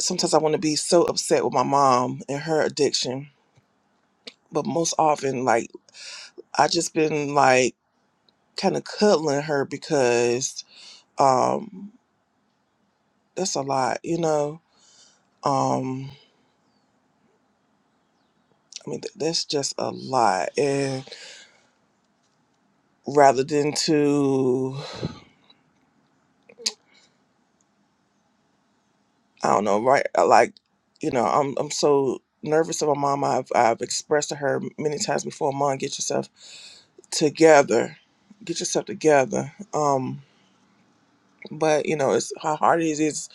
S1: sometimes I want to be so upset with my mom and her addiction, but most often, like I just been like kind of cuddling her because, um, that's a lot, you know, um. I mean, th- that's just a lot. And rather than to, I don't know, right? uh, Like, you know, I'm I'm so nervous of my mom. I've I've expressed to her many times before, Mom, get yourself together, get yourself together. Um, but you know, it's how hard it is. It's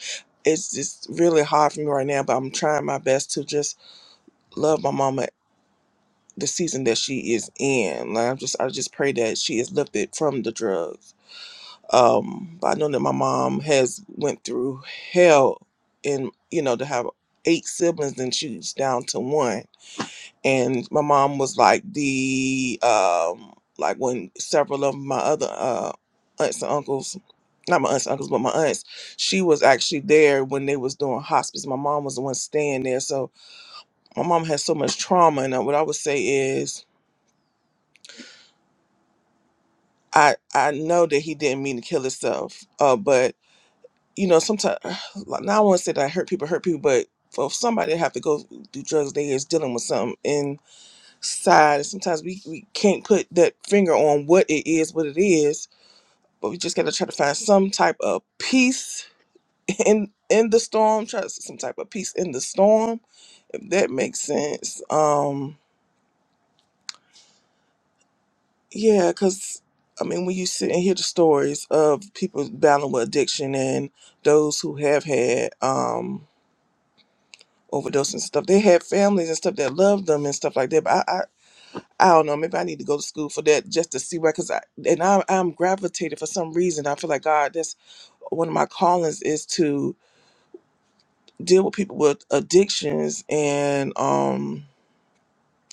S1: it's just really hard for me right now. But I'm trying my best to just love my mama the season that she is in. Like I'm just I just pray that she is lifted from the drugs um but i know that my mom has went through hell and you know to have eight siblings and she's down to one and my mom was like the um like when several of my other uh aunts and uncles not my aunts and uncles but my aunts she was actually there when they was doing hospice my mom was the one staying there so my mom has so much trauma and uh, what i would say is i i know that he didn't mean to kill himself uh but you know, sometimes like, now I want to say that hurt people hurt people, but for somebody to have to go do drugs, they is dealing with something inside. And sometimes we, we can't put that finger on what it is, what it is, but we just got to try to find some type of peace in in the storm. Try to some type of peace in the storm, if that makes sense. Um, yeah, because I mean, when you sit and hear the stories of people battling with addiction and those who have had, um overdose and stuff. They had families and stuff that loved them and stuff like that. But I, I, I don't know. Maybe I need to go to school for that just to see where. Cause I and I, I'm gravitated for some reason. I feel like God. That's one of my callings is to deal with people with addictions and um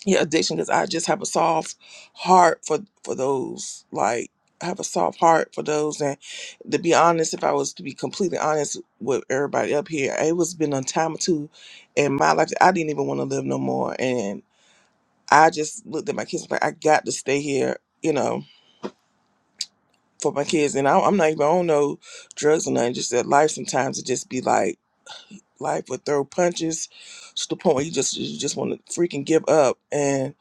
S1: yeah addiction. Cause I just have a soft heart for for those like. I have a soft heart for those and to be honest if i was to be completely honest with everybody up here it was been a time or two in my life that i didn't even want to live no more I just looked at my kids like I got to stay here, you know, for my kids. And I, I'm not even on no drugs or nothing. Just that life sometimes it just be like life would throw punches to the point where you just you just want to freaking give up and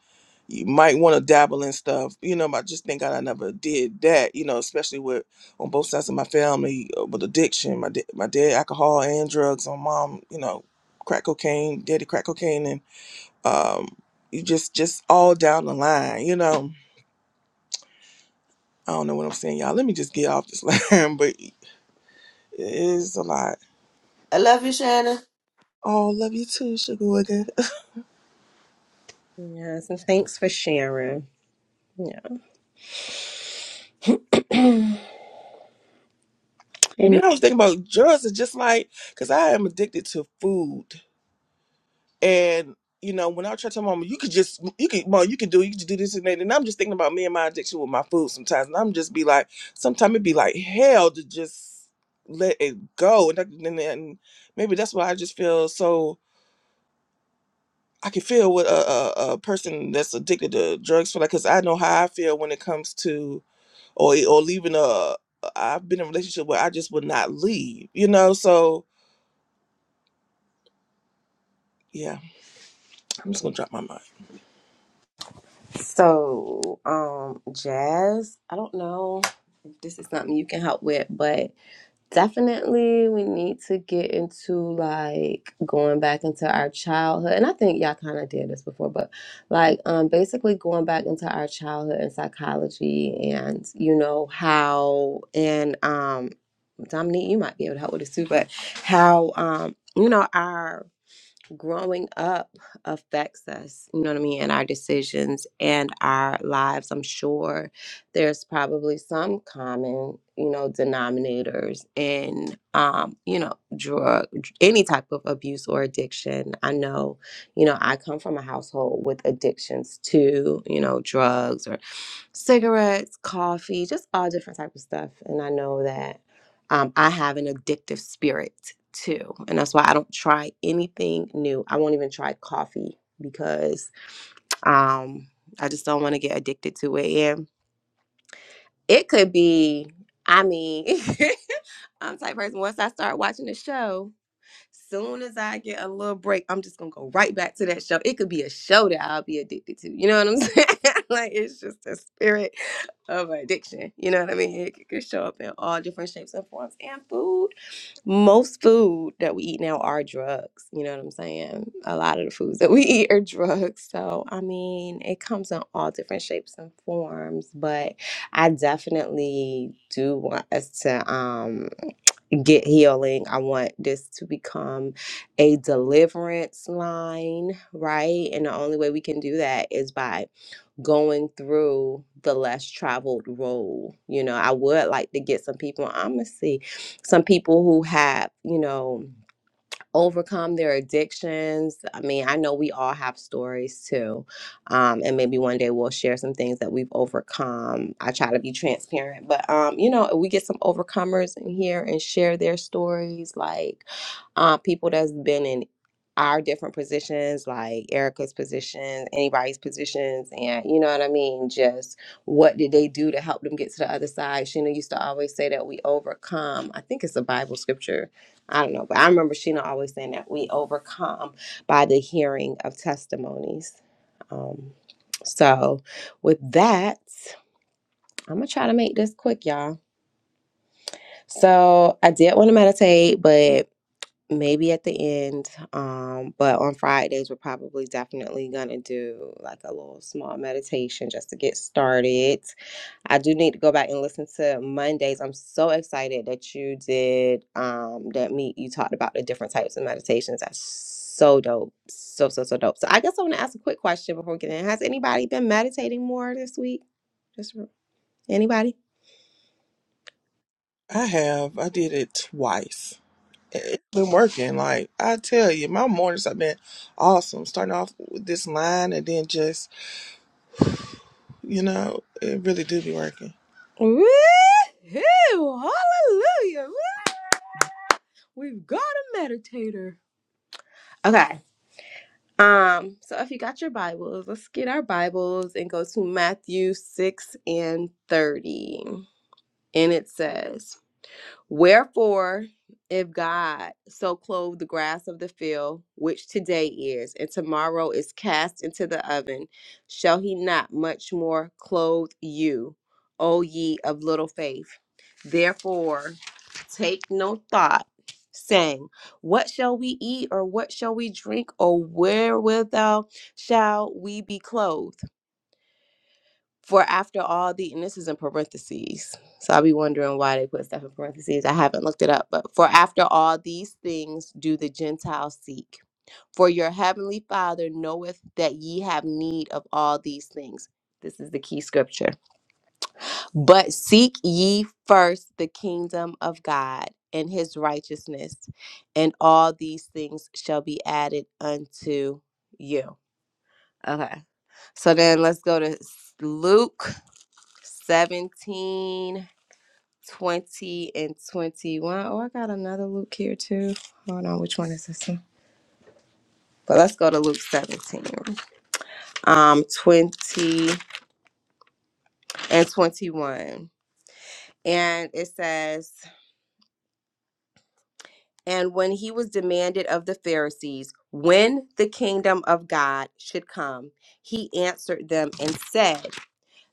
S1: you might want to dabble in stuff. You know, I just thank God I never did that. You know, especially with on both sides of my family uh, with addiction. My da- my dad alcohol and drugs. My mom, you know, crack cocaine. Daddy crack cocaine and um, you just just all down the line. You know. I don't know what I'm saying, y'all. Let me just get off this line, but it's a lot.
S6: I love you, Shannon.
S1: Oh, love you too, Sugar Wiggin.
S3: yes, and thanks for sharing. Yeah.
S1: And
S3: Any
S1: then I was thinking about drugs It's just like, because I am addicted to food. And, you know, when I try to tell my mom, you could just, you could, mom, you could do, you could do this and that. And I'm just thinking about me and my addiction with my food sometimes. And I'm just be like, sometimes it'd be like hell to just let it go. And, I- and, and maybe that's why I just feel so I can feel what a, a, a person that's addicted to drugs feel like, cause I know how I feel when it comes to or e, or leaving a. I've been in a relationship where I just would not leave, you know. So yeah, I'm just gonna drop my mind.
S3: so um Jazz, I don't know if this is something you can help with, but Definitely, we need to get into like going back into our childhood. And I think y'all kind of did this before, but like um basically going back into our childhood and psychology and you know how and um Dominique, you might be able to help with this too, but how um you know our growing up affects us, you know what I mean, and our decisions and our lives. I'm sure there's probably some common, you know, denominators in, um, you know, drug, any type of abuse or addiction. I know, you know, I come from a household with addictions to, you know, drugs cigarettes, coffee, just all different type of stuff. And I know that um, I have an addictive spirit too, and that's why I don't try anything new. I won't even try coffee because um, I just don't want to get addicted to it. And it could be, I mean, I'm the type of person. Once I start watching the show. Soon as I get a little break, I'm just gonna go right back to that show. It could be a show that I'll be addicted to. You know what I'm saying? like it's just the spirit of addiction. You know what I mean? It could show up in all different shapes and forms. And food, most food that we eat now are drugs. You know what I'm saying? A lot of the foods that we eat are drugs. So I mean, it comes in all different shapes and forms. But I definitely do want us to. Um, get healing. I want this to become a deliverance line, right? And the only way we can do that is by going through the less traveled road. You know, I would like to get some people, I'm gonna see some people who have, you know, overcome their addictions. I mean, I know we all have stories too. Um, and maybe one day we'll share some things that we've overcome. I try to be transparent, but um, you know, we get some overcomers in here and share their stories, like uh, people that's been in our different positions, like Erica's positions, anybody's positions, and you know what I mean? Just what did they do to help them get to the other side? Sheena used to always say that we overcome. I think it's a Bible scripture I don't know, but I remember Sheena always saying that we overcome by the hearing of testimonies. Um, so, with that, I'm gonna try to make this quick, y'all. So, I did want to meditate, but maybe at the end um but on fridays we're probably definitely gonna do like a little small meditation just to get started i do need to go back and listen to mondays i'm so excited that you did um that meet you talked about the different types of meditations that's so dope so so so dope so i guess i want to ask a quick question before we get in has anybody been meditating more this week just r- anybody
S1: I have. I did it twice. It- It's been working. Like I tell you, my mornings have been awesome. Starting off with this line and then just, you know, it really do be working.
S3: Woo! Hallelujah! Woo! We've got a meditator. Okay. Um, so if you got your Bibles, let's get our Bibles and go to Matthew 6 and 30. And it says, Wherefore, if God so clothe the grass of the field, which today is, and tomorrow is cast into the oven, shall he not much more clothe you, O ye of little faith? Therefore, take no thought, saying, What shall we eat, or what shall we drink, or wherewithal shall we be clothed? For after all the, and this is in parentheses, so I'll be wondering why they put stuff in parentheses. I haven't looked it up, but for after all these things do the Gentiles seek. For your heavenly Father knoweth that ye have need of all these things. This is the key scripture. But seek ye first the kingdom of God and his righteousness, and all these things shall be added unto you. Okay. So then let's go to s- Luke 17, 20, and 21. Oh, I got another Luke here too. Hold on, which one is this one? But let's go to Luke 17, um, 20 and 21. And it says, And when he was demanded of the Pharisees when the kingdom of God should come, he answered them and said,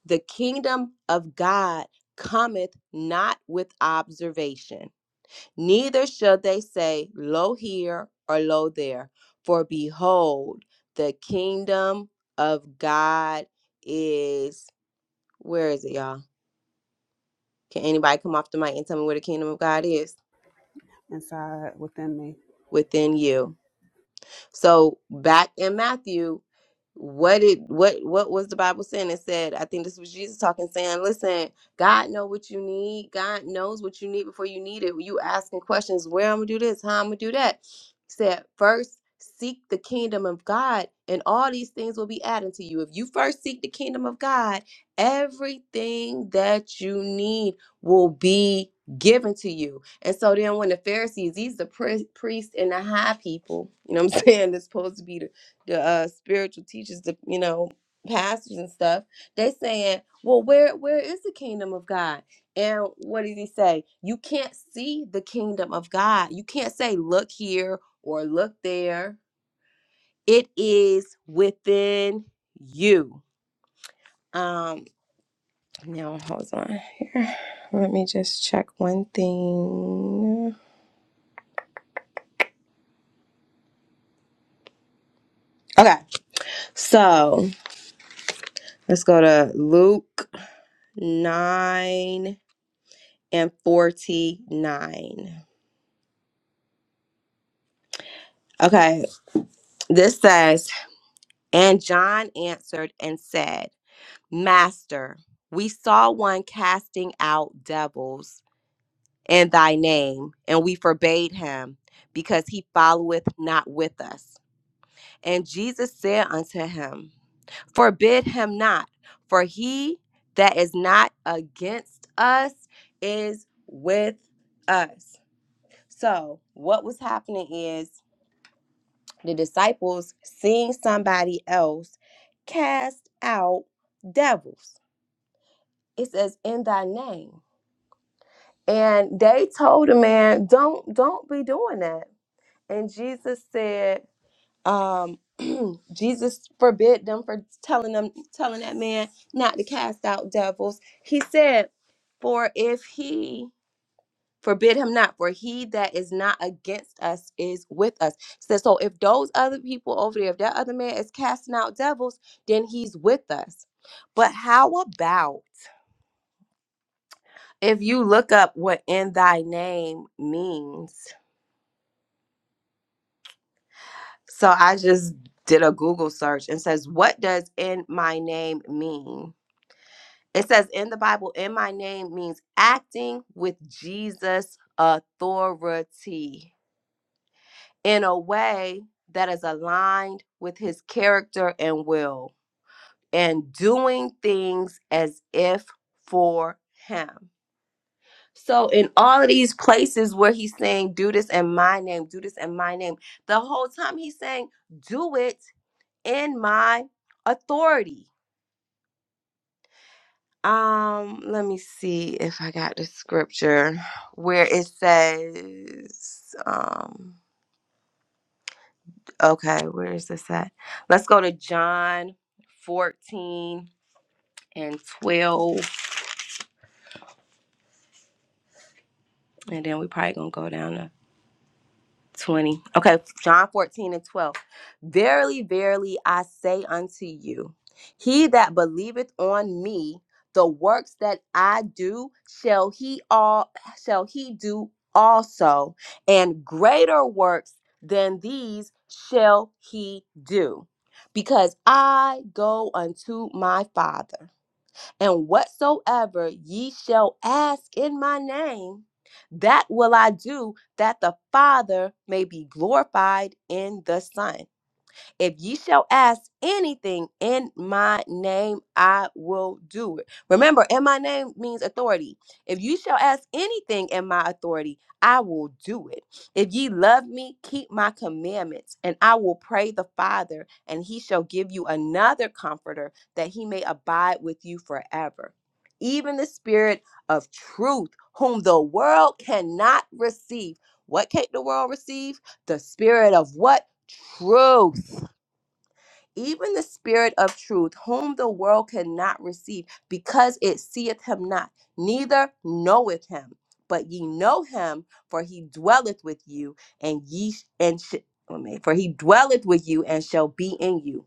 S3: The kingdom of God cometh not with observation. Neither shall they say, Lo here or lo there, for behold, the kingdom of God is. Where is it, y'all? Can anybody come off the mic and tell me where the kingdom of God is?
S4: inside within me.
S3: Within you. So back in Matthew, what did what what was the Bible saying? It said, I think this was Jesus talking, saying, Listen, God know what you need. God knows what you need before you need it. You asking questions, where I'm gonna do this, how I'm gonna do that. He said, first seek the kingdom of God, and all these things will be added to you. If you first seek the kingdom of God, everything that you need will be given to you. And so then when the Pharisees, these the pri- priests and the high people, you know what I'm saying, that's supposed to be the, the uh, spiritual teachers, the you know, pastors and stuff, they saying, Well, where where is the kingdom of God? And what does he say? You can't see the kingdom of God. You can't say, look here or look there. It is within you. Um now hold on here. Let me just check one thing. Okay. So Let's go to Luke 9 and 49. Okay, this says, And John answered and said, Master, we saw one casting out devils in thy name, and we forbade him, because he followeth not with us. And Jesus said unto him, Forbid him not, for he that is not against us is with us. So, what was happening is the disciples seeing somebody else cast out devils. It says in thy name. And they told the man, "Don't don't be doing that." And Jesus said, um Jesus forbid them for telling them telling that man not to cast out devils. He said, "For if he forbid him not for he that is not against us is with us so, so if those other people over there if that other man is casting out devils then he's with us but how about if you look up what in thy name means so i just did a google search and says what does in my name mean it says in the bible in my name means acting with jesus authority in a way that is aligned with his character and will, and doing things as if for him. So, in all of these places where he's saying, Do this in my name, do this in my name, the whole time he's saying, Do it in my authority. Um, let me see if I got the scripture where it says, um, Okay, where is this at? Let's go to John 14 and 12. And then we probably gonna go down to. 20. Okay, John 14 and 12. Verily, verily, I say unto you, he that believeth on me, the works that I do, shall he all shall he do also, and greater works than these shall he do, because I go unto my Father. And whatsoever ye shall ask in my name, that will I do, that the Father may be glorified in the Son. If ye shall ask anything in my name, I will do it. Remember, in my name means authority. If you shall ask anything in my authority, I will do it. If ye love me, keep my commandments, and I will pray the Father, and he shall give you another comforter that he may abide with you forever. Even the Spirit of truth, whom the world cannot receive. What can the world receive? The Spirit of what? Truth even the Spirit of truth, whom the world cannot receive, because it seeth him not, neither knoweth him. But ye know him, for he dwelleth with you, and ye sh- and sh- wait a minute, for he dwelleth with you and shall be in you.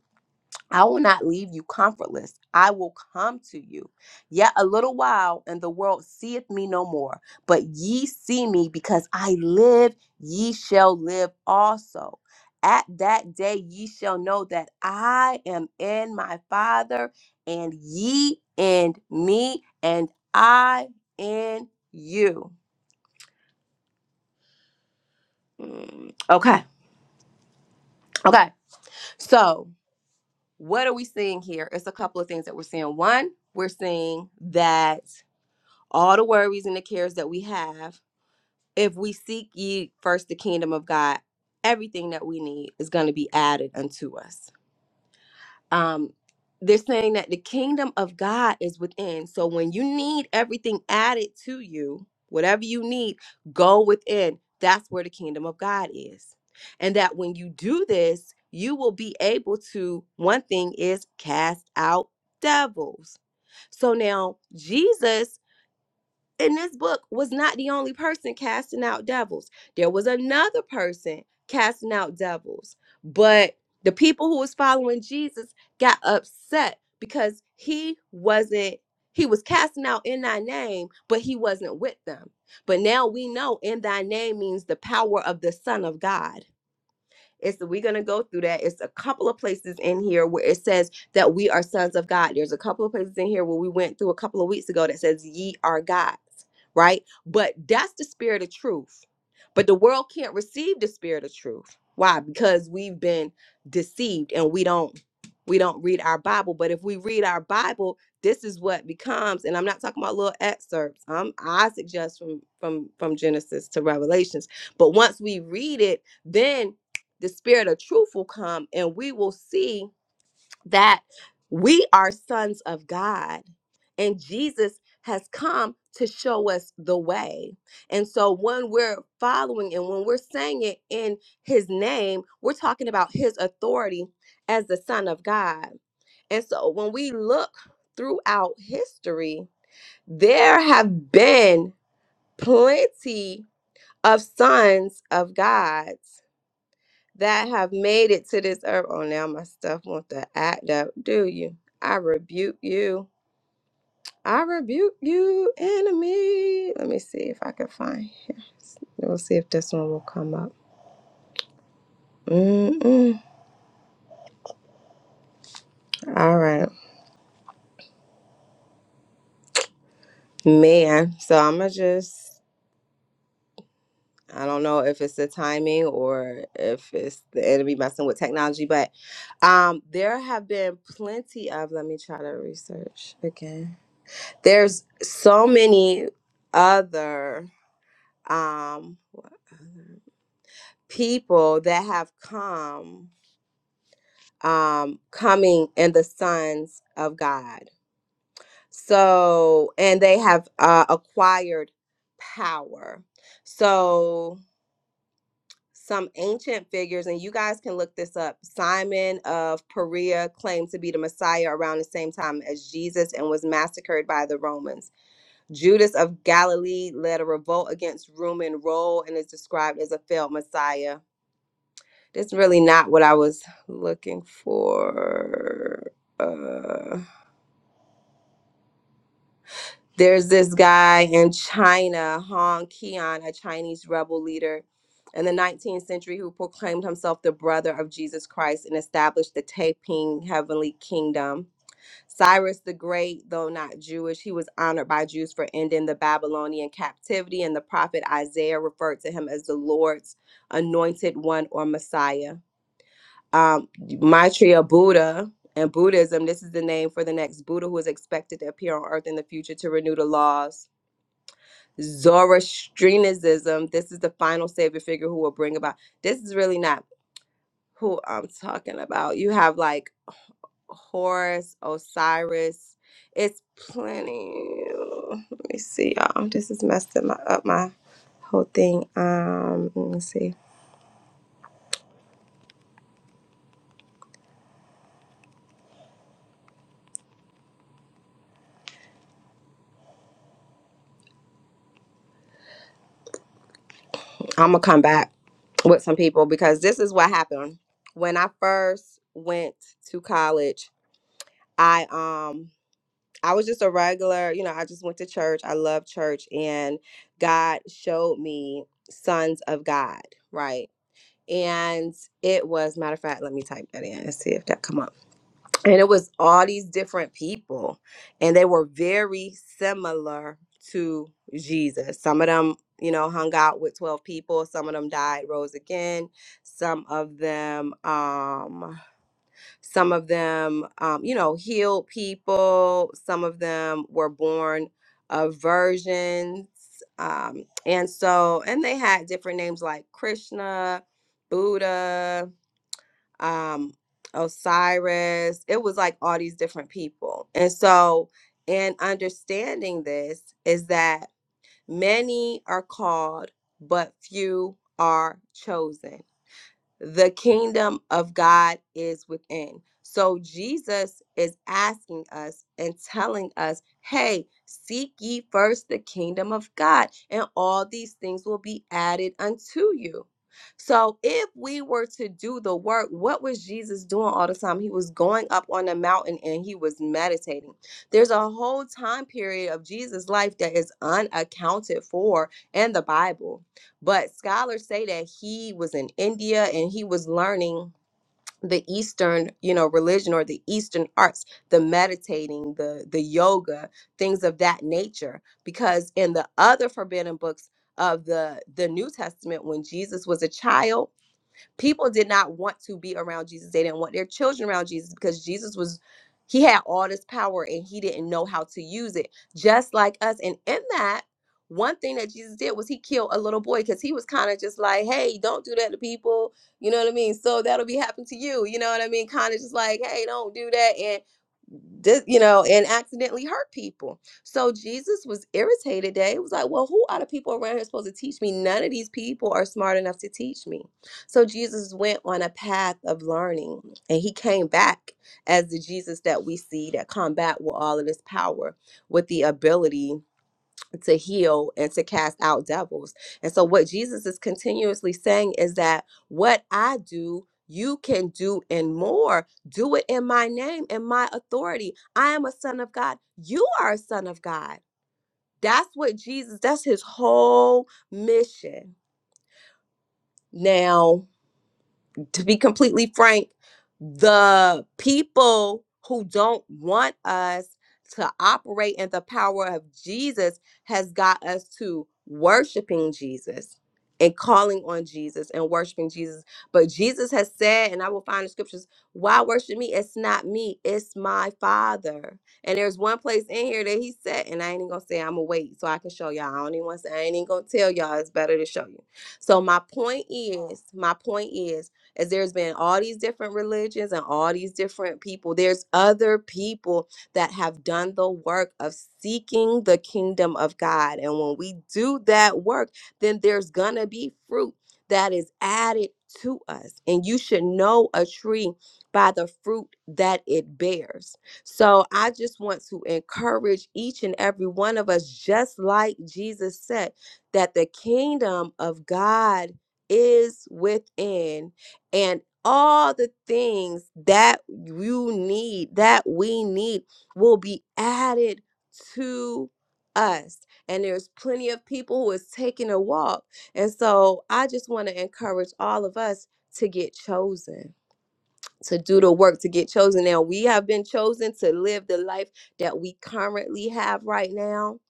S3: I will not leave you comfortless. I will come to you. Yet a little while, and the world seeth me no more. But ye see me because I live, ye shall live also. At that day ye shall know that I am in my Father, and ye in me, and I in you. Mm, Okay. Okay. So, what are we seeing here? It's a couple of things that we're seeing. One, we're seeing that all the worries and the cares that we have, if we seek ye first the kingdom of God, everything that we need is going to be added unto us. Um, they're saying that the kingdom of God is within. So when you need everything added to you, whatever you need, go within. That's where the kingdom of God is. And that when you do this, you will be able to, one thing is cast out devils. So now Jesus in this book was not the only person casting out devils. There was another person casting out devils. But the people who was following Jesus got upset because he wasn't he was casting out in thy name, but he wasn't with them. But now we know in thy name means the power of the son of God. It's we're gonna go through that. It's a couple of places in here where it says that we are sons of God. There's a couple of places in here where we went through a couple of weeks ago that says ye are gods, right? But that's the spirit of truth. But the world can't receive the spirit of truth. Why? Because we've been deceived and we don't we don't read our Bible. But if we read our Bible, this is what becomes, and I'm not talking about little excerpts. Um, I suggest from from from Genesis to Revelations. But once we read it, then the spirit of truth will come and we will see that we are sons of God and Jesus has come to show us the way. And so when we're following and when we're saying it in his name, we're talking about his authority as the son of God. And so when we look throughout history, there have been plenty of sons of God that have made it to this earth. Oh, now my stuff want to act up, do you? I rebuke you. I rebuke you, enemy. Let me see if I can find here. We'll see if this one will come up. Mm-mm. All right, man. So I'm gonna just. I don't know if it's the timing or if it's the enemy messing with technology, but um, there have been plenty of. Let me try to research again. There's so many other um, people that have come, um, coming in the sons of God. So, and they have uh, acquired power. So, some ancient figures, and you guys can look this up. Simon of Perea claimed to be the Messiah around the same time as Jesus and was massacred by the Romans. Judas of Galilee led a revolt against Roman rule and is described as a failed Messiah That's really not what I was looking for. Uh, there's this guy in China, Hong Qian, a Chinese rebel leader in the 19th century who proclaimed himself the brother of Jesus Christ and established the Taiping heavenly kingdom. Cyrus the Great, though not Jewish, he was honored by Jews for ending the Babylonian captivity, and the prophet Isaiah referred to him as the Lord's anointed one or Messiah. um, Maitreya Buddha and Buddhism. This is the name for the next Buddha who is expected to appear on earth in the future to renew the laws. Zoroastrianism. This is the final savior figure who will bring about. This is really not who I'm talking about. You have like Horus, Osiris. It's plenty. Let me see, y'all. This is messing my, up my whole thing. Um, let me see. I'm gonna come back. with some people because this is what happened when I first went to college. I um I was just a regular, you know, I just went to church. I love church and God showed me sons of God, right? And it was matter of fact, let me type that in and see if that come up and it was all these different people and they were very similar to jesus some of them you know hung out with 12 people some of them died rose again some of them um some of them um you know healed people some of them were born of virgins um and so and they had different names like krishna buddha um, Osiris. It was like all these different people. And so, in understanding this, is that many are called, but few are chosen the kingdom of God is within. So Jesus is asking us and telling us, hey, seek ye first the kingdom of God, and all these things will be added unto you. So if we were to do the work, what was Jesus doing all the time? He was going up on the mountain and he was meditating. There's a whole time period of Jesus' life that is unaccounted for in the Bible but scholars say that he was in india and he was learning the eastern you know religion or the eastern arts the meditating the the yoga things of that nature because in the other forbidden books of the the new testament when jesus was a child People did not want to be around Jesus. They didn't want their children around Jesus because Jesus was he had all this power and he didn't know how to use it, just like us. And in that, one thing that Jesus did was he killed a little boy because he was kind of just like, hey, don't do that to people. You know what I mean? So that'll be happening to you. You know what I mean? Kind of just like, hey, don't do that. And di- you know, and accidentally hurt people. So Jesus was irritated that he was like, Well, who are the people around here supposed to teach me? None of these people are smart enough to teach me. So Jesus went on a path of learning and he came back as the Jesus that we see that combat with all of this power, with the ability to heal and to cast out devils. And so, what Jesus is continuously saying is that what I do, you can do and more. Do it in my name in my authority. I am a son of God. You are a son of God. That's what Jesus, that's his whole mission. Now, to be completely frank, the people who don't want us to operate in the power of Jesus has got us to worshiping Jesus and calling on Jesus and worshiping Jesus. But Jesus has said, and I will find the scriptures, why worship me? It's not me, it's my Father. And there's one place in here that he said, and I ain't even gonna say I'm gonna wait so I can show y'all. I don't even want to say I ain't even gonna tell y'all it's better to show you. So my point is, my point is as there's been all these different religions and all these different people, there's other people that have done the work of seeking the kingdom of God. And when we do that work, then there's going to be fruit that is added to us. And you should know a tree by the fruit that it bears. So I just want to encourage each and every one of us, just like Jesus said, that the kingdom of God is within and all the things that you need, that we need, will be added to us. And there's plenty of people who is taking a walk. And so I just want to encourage all of us to get chosen to do the work to get chosen. Now, we have been chosen to live the life that we currently have right now,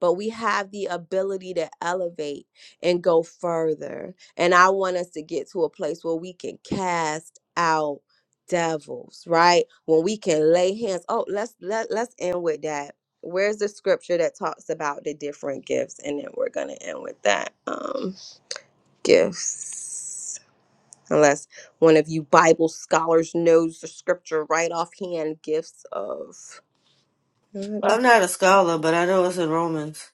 S3: but we have the ability to elevate and go further. And I want us to get to a place where we can cast out devils, right? When we can lay hands. Oh, let's let, let's end with that. Where's the scripture that talks about the different gifts? And then we're gonna end with that. Um gifts unless one of you Bible scholars knows the scripture right offhand. Gifts of and
S6: Well, I'm not a scholar, but I know it's in Romans.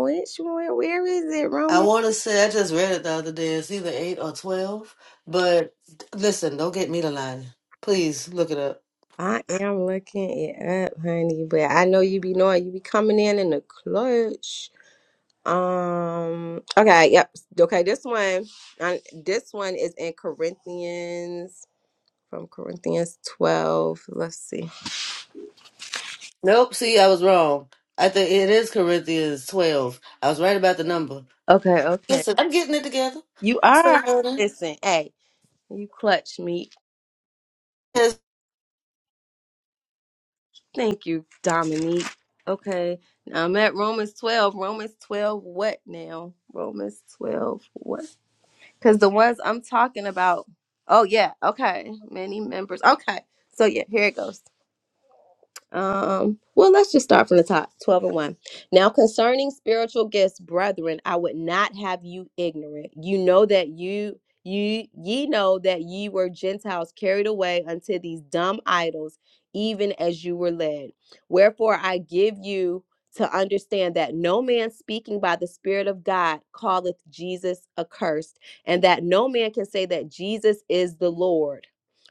S3: which one? Where is it,
S6: I
S3: Roman?
S6: want to say I just read it the other day. It's either eight or twelve. But listen, don't get me to lie. Please look it up.
S3: I am looking it up, honey, but I know you be knowing you be coming in in the clutch. Um. Okay. Yep. Okay. This one. I, this one is in Corinthians from Corinthians twelve. Let's see.
S6: Nope. See, I was wrong. I think it is Corinthians twelve. I was right about the number.
S3: Okay. Okay.
S6: Listen, I'm getting it together.
S3: You
S6: I'm
S3: are.
S6: still learning.
S3: Listen. Hey. You clutch me
S6: Yes.
S3: Thank you, Dominique. Okay, now I'm at Romans 12. Romans 12, what now? Romans 12, what? Because the ones I'm talking about, oh, yeah, okay, many members. Okay, so yeah, here it goes. Um, well, let's just start from the top 12 and 1. Now, concerning spiritual gifts, brethren, I would not have you ignorant. You know that you. You ye know that ye were Gentiles carried away unto these dumb idols, even as you were led. Wherefore I give you to understand that no man speaking by the Spirit of God calleth Jesus accursed, and that no man can say that Jesus is the Lord,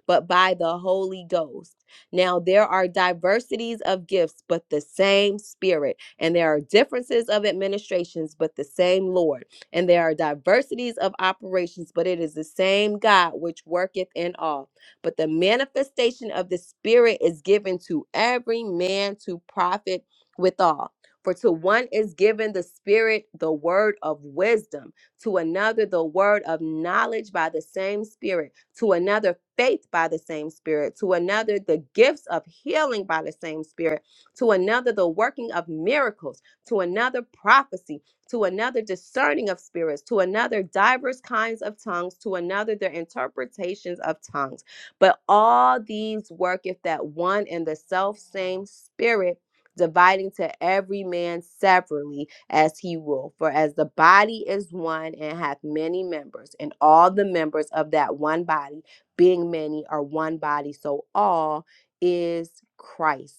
S3: but by the Holy Ghost. Now, there are diversities of gifts, but the same Spirit. And there are differences of administrations, but the same Lord. And there are diversities of operations, but it is the same God which worketh in all. But the manifestation of the Spirit is given to every man to profit withal. For to one is given the Spirit the word of wisdom to another the word of knowledge by the same Spirit, to another faith by the same Spirit, to another the gifts of healing by the same Spirit, to another the working of miracles, to another prophecy, to another discerning of spirits, to another diverse kinds of tongues, to another their interpretations of tongues. But all these worketh that one and the self same Spirit. Dividing to every man severally as he will. For as the body is one and hath many members, and all the members of that one body, being many, are one body, so all is Christ.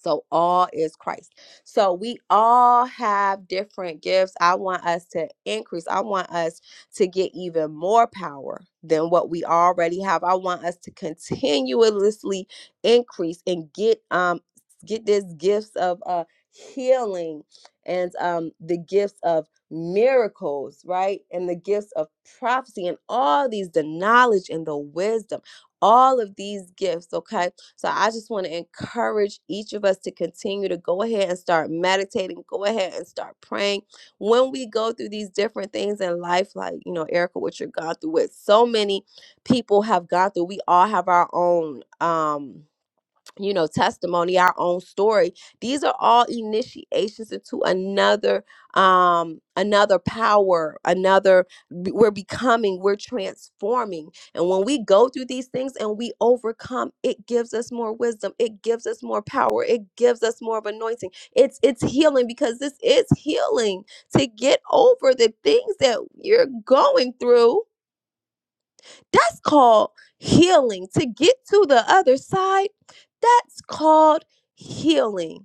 S3: So all is Christ. So we all have different gifts. I want us to increase. I want us to get even more power than what we already have. I want us to continuously increase and get um get this gifts of uh healing and um the gifts of miracles, right? And the gifts of prophecy and all these the knowledge and the wisdom. All of these gifts, okay? So I just want to encourage each of us to continue to go ahead and start meditating, go ahead and start praying. When we go through these different things in life, like, you know, Erica, what you're going through, what so many people have gone through, we all have our own. Um, you know, testimony, our own story. These are all initiations into another um another power, another b- we're becoming, we're transforming. And when we go through these things and we overcome, it gives us more wisdom, it gives us more power, it gives us more of anointing. It's it's healing because this is healing to get over the things that you're going through that's called healing. To get to the other side, that's called healing.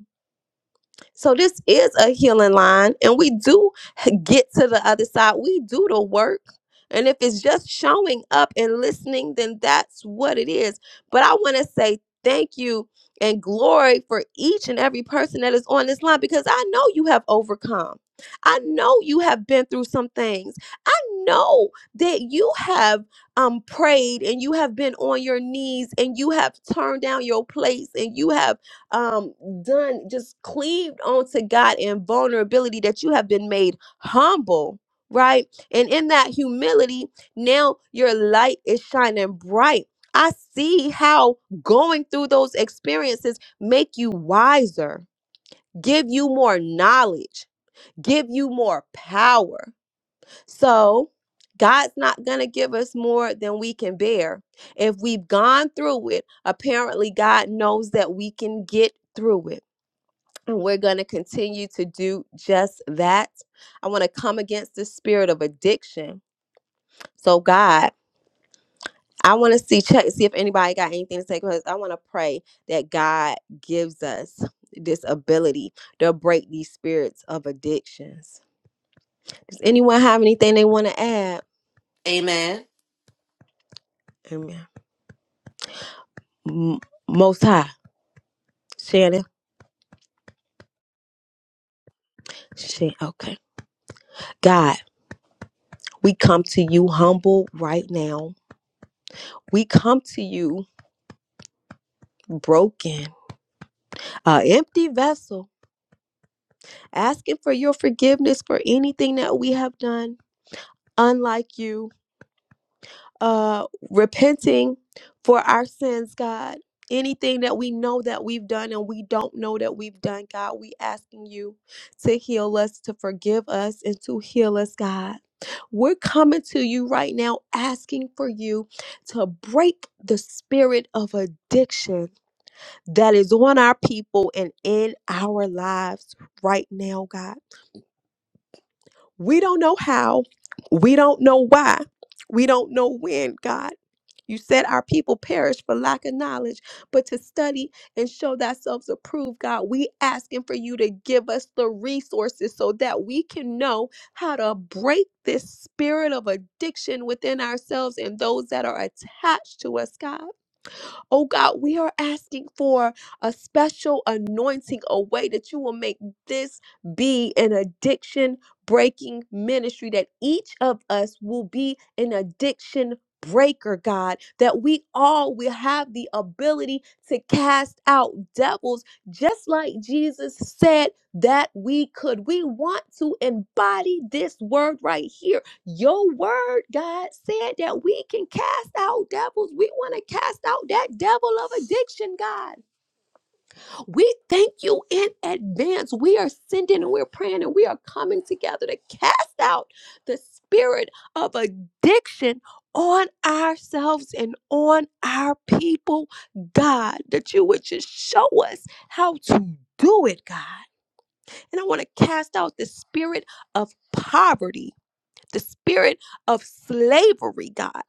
S3: So this is a healing line, and we do get to the other side. We do the work. And if it's just showing up and listening, then that's what it is. But I want to say thank you and glory for each and every person that is on this line because I know you have overcome. I know you have been through some things. I know that you have um prayed and you have been on your knees and you have turned down your place and you have um done just cleaved onto God in vulnerability that you have been made humble right and in that humility now your light is shining bright i see how going through those experiences make you wiser give you more knowledge give you more power so God's not going to give us more than we can bear. If we've gone through it, apparently God knows that we can get through it. And we're going to continue to do just that. I want to come against the spirit of addiction. So, God, I want to see check see if anybody got anything to say because I want to pray that God gives us this ability to break these spirits of addictions. Does anyone have anything they want to add?
S6: Amen.
S3: Amen. M- Most High, Shannon. Shan- okay. God, we come to you humble right now. We come to you broken, a empty vessel asking for your forgiveness for anything that we have done unlike you, uh, repenting for our sins, God. Anything that we know that we've done and we don't know that we've done, God, we asking you to heal us, to forgive us, and to heal us, God. We're coming to you right now asking for you to break the spirit of addiction that is on our people and in our lives right now, God. We don't know how. We don't know why. We don't know when, God. You said our people perish for lack of knowledge, but to study and show thyself approved, God, we asking for you to give us the resources so that we can know how to break this spirit of addiction within ourselves and those that are attached to us, God. Oh God, we are asking for a special anointing, a way that you will make this be an addiction breaking ministry, that each of us will be an addiction breaker, God, that we all will have the ability to cast out devils, just like Jesus said that we could. We want to embody this word right here your word, God, said that we can cast out devils. We want to cast out that devil of addiction, God. We thank you in advance. We are sending and we're praying and we are coming together to cast out the spirit of addiction on ourselves and on our people, God, that you would just show us how to do it, God. And I want to cast out the spirit of poverty the spirit of slavery, God.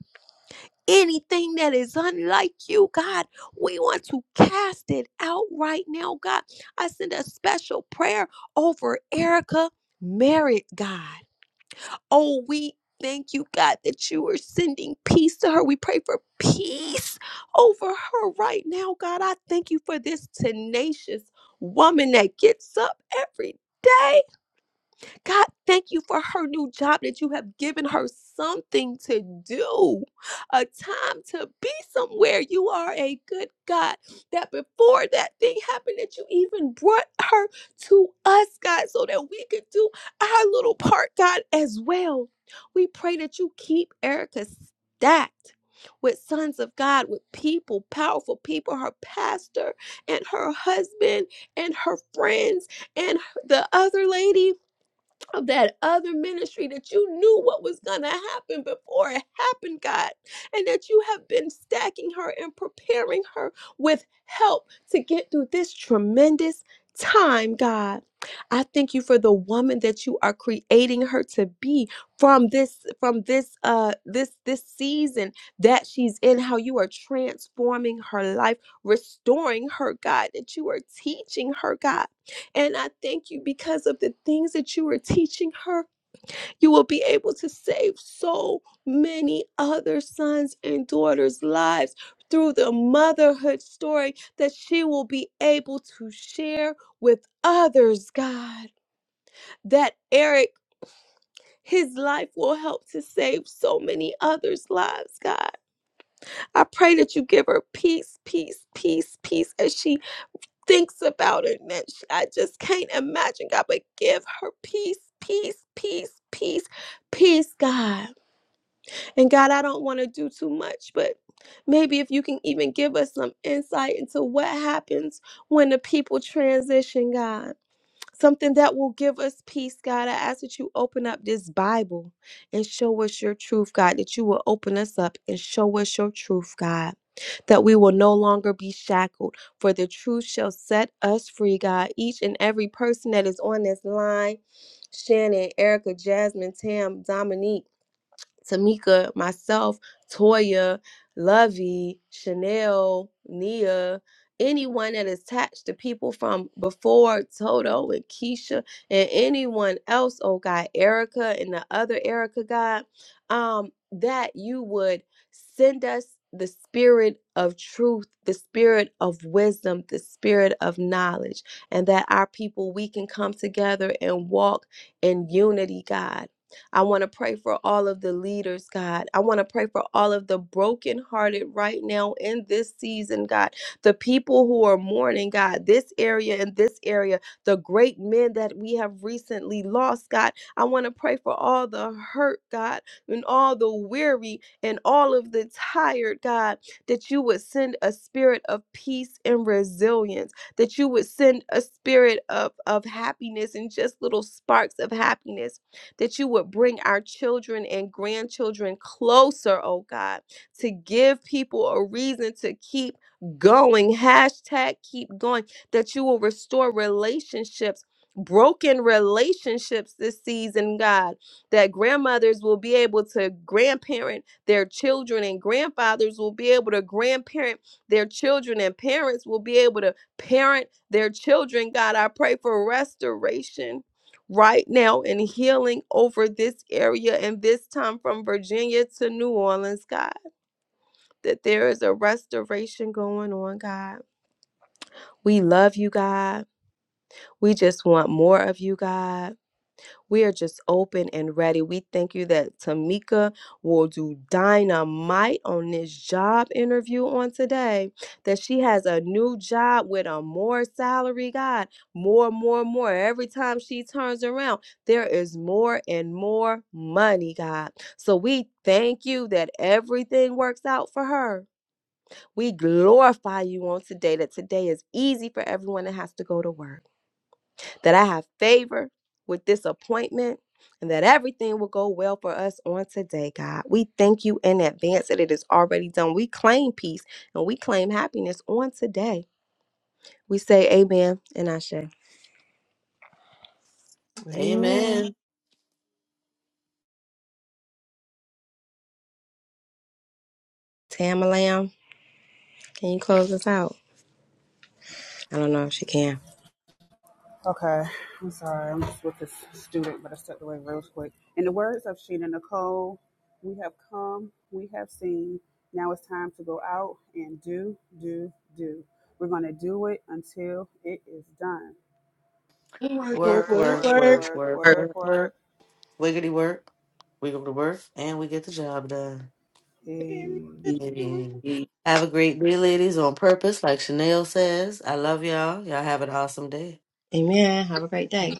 S3: Anything that is unlike you, God, we want to cast it out right now, God. I send a special prayer over Erica Merritt, God. Oh, we thank you, God, that you are sending peace to her. We pray for peace over her right now, God. I thank you for this tenacious woman that gets up every day God, thank you for her new job that you have given her something to do, a time to be somewhere. You are a good God. That before that thing happened, that you even brought her to us, God, so that we could do our little part, God, as well. We pray that you keep Erica stacked with sons of God, with people, powerful people, her pastor and her husband and her friends and the other lady of that other ministry that you knew what was going to happen before it happened, God, and that you have been stacking her and preparing her with help to get through this tremendous time, God. I thank you for the woman that you are creating her to be from this from this uh this this season that she's in how you are transforming her life, restoring her, God, that you are teaching her, God and I thank you because of the things that you are teaching her, you will be able to save so many other sons and daughters' lives through the motherhood story that she will be able to share with others, God. That Eric, his life will help to save so many others' lives, God. I pray that you give her peace, peace, peace, peace as she thinks about it, and that sh- I just can't imagine, God, but give her peace, peace, peace, peace, peace, God. And God, I don't want to do too much, but maybe if you can even give us some insight into what happens when the people transition, God something that will give us peace, God. I ask that you open up this Bible and show us your truth, God, that you will open us up and show us your truth, God. That we will no longer be shackled, for the truth shall set us free, God. Each and every person that is on this line Shannon, Erica, Jasmine, Tam, Dominique. Tamika, myself, Toya, Lovey, Chanel, Nia, anyone that is attached to people from before, Toto and Keisha, and anyone else, oh God, Erica and the other Erica God, um, that you would send us the spirit of truth, the spirit of wisdom, the spirit of knowledge, and that our people, we can come together and walk in unity, God I want to pray for all of the leaders, God. I want to pray for all of the brokenhearted right now in this season, God. The people who are mourning, God, this area and this area, the great men that we have recently lost, God. I want to pray for all the hurt, God, and all the weary and all of the tired, God, that you would send a spirit of peace and resilience, that you would send a spirit of, of happiness and just little sparks of happiness that you would bring our children and grandchildren closer, oh God, to give people a reason to keep going. Hashtag keep going, that you will restore relationships. Broken relationships this season, God, that grandmothers will be able to grandparent their children, and grandfathers will be able to grandparent their children, and parents will be able to parent their children. God, I pray for restoration right now in healing over this area and this time from Virginia to New Orleans, God, that there is a restoration going on, God. We love you, God. We just want more of you, God. We are just open and ready. We thank you that Tamika will do dynamite on this job interview on today. That she has a new job with a more salary, God. More, more, more. Every time she turns around, there is more and more money, God. So we thank you that everything works out for her. We glorify you on today, that today is easy for everyone that has to go to work that I have favor with this appointment and that everything will go well for us on today, God. We thank you in advance that it is already done. We claim peace and we claim happiness on today. We say amen and I say,
S1: Amen.
S6: Amen.
S3: Tamalam, can you close us out? I don't know if she can.
S4: Okay, I'm sorry. I'm just with this student, but I stepped away real quick. In the words of Sheena Nicole, we have come, we have seen. Now it's time to go out and do, do, do. We're going to do it until it is done.
S1: Work, work,
S6: Work,
S4: Work,
S1: work,
S6: work,
S4: work,
S6: work,
S1: work.
S4: work,
S6: work,
S4: work,
S6: work,
S4: work.
S6: work. Wiggity work. We go to work and we get the job done.
S4: Amen.
S1: Amen.
S6: Amen. Have a great day, ladies, on purpose, like Chanel says. I love y'all. Y'all have an awesome day.
S3: Amen. Have a great day.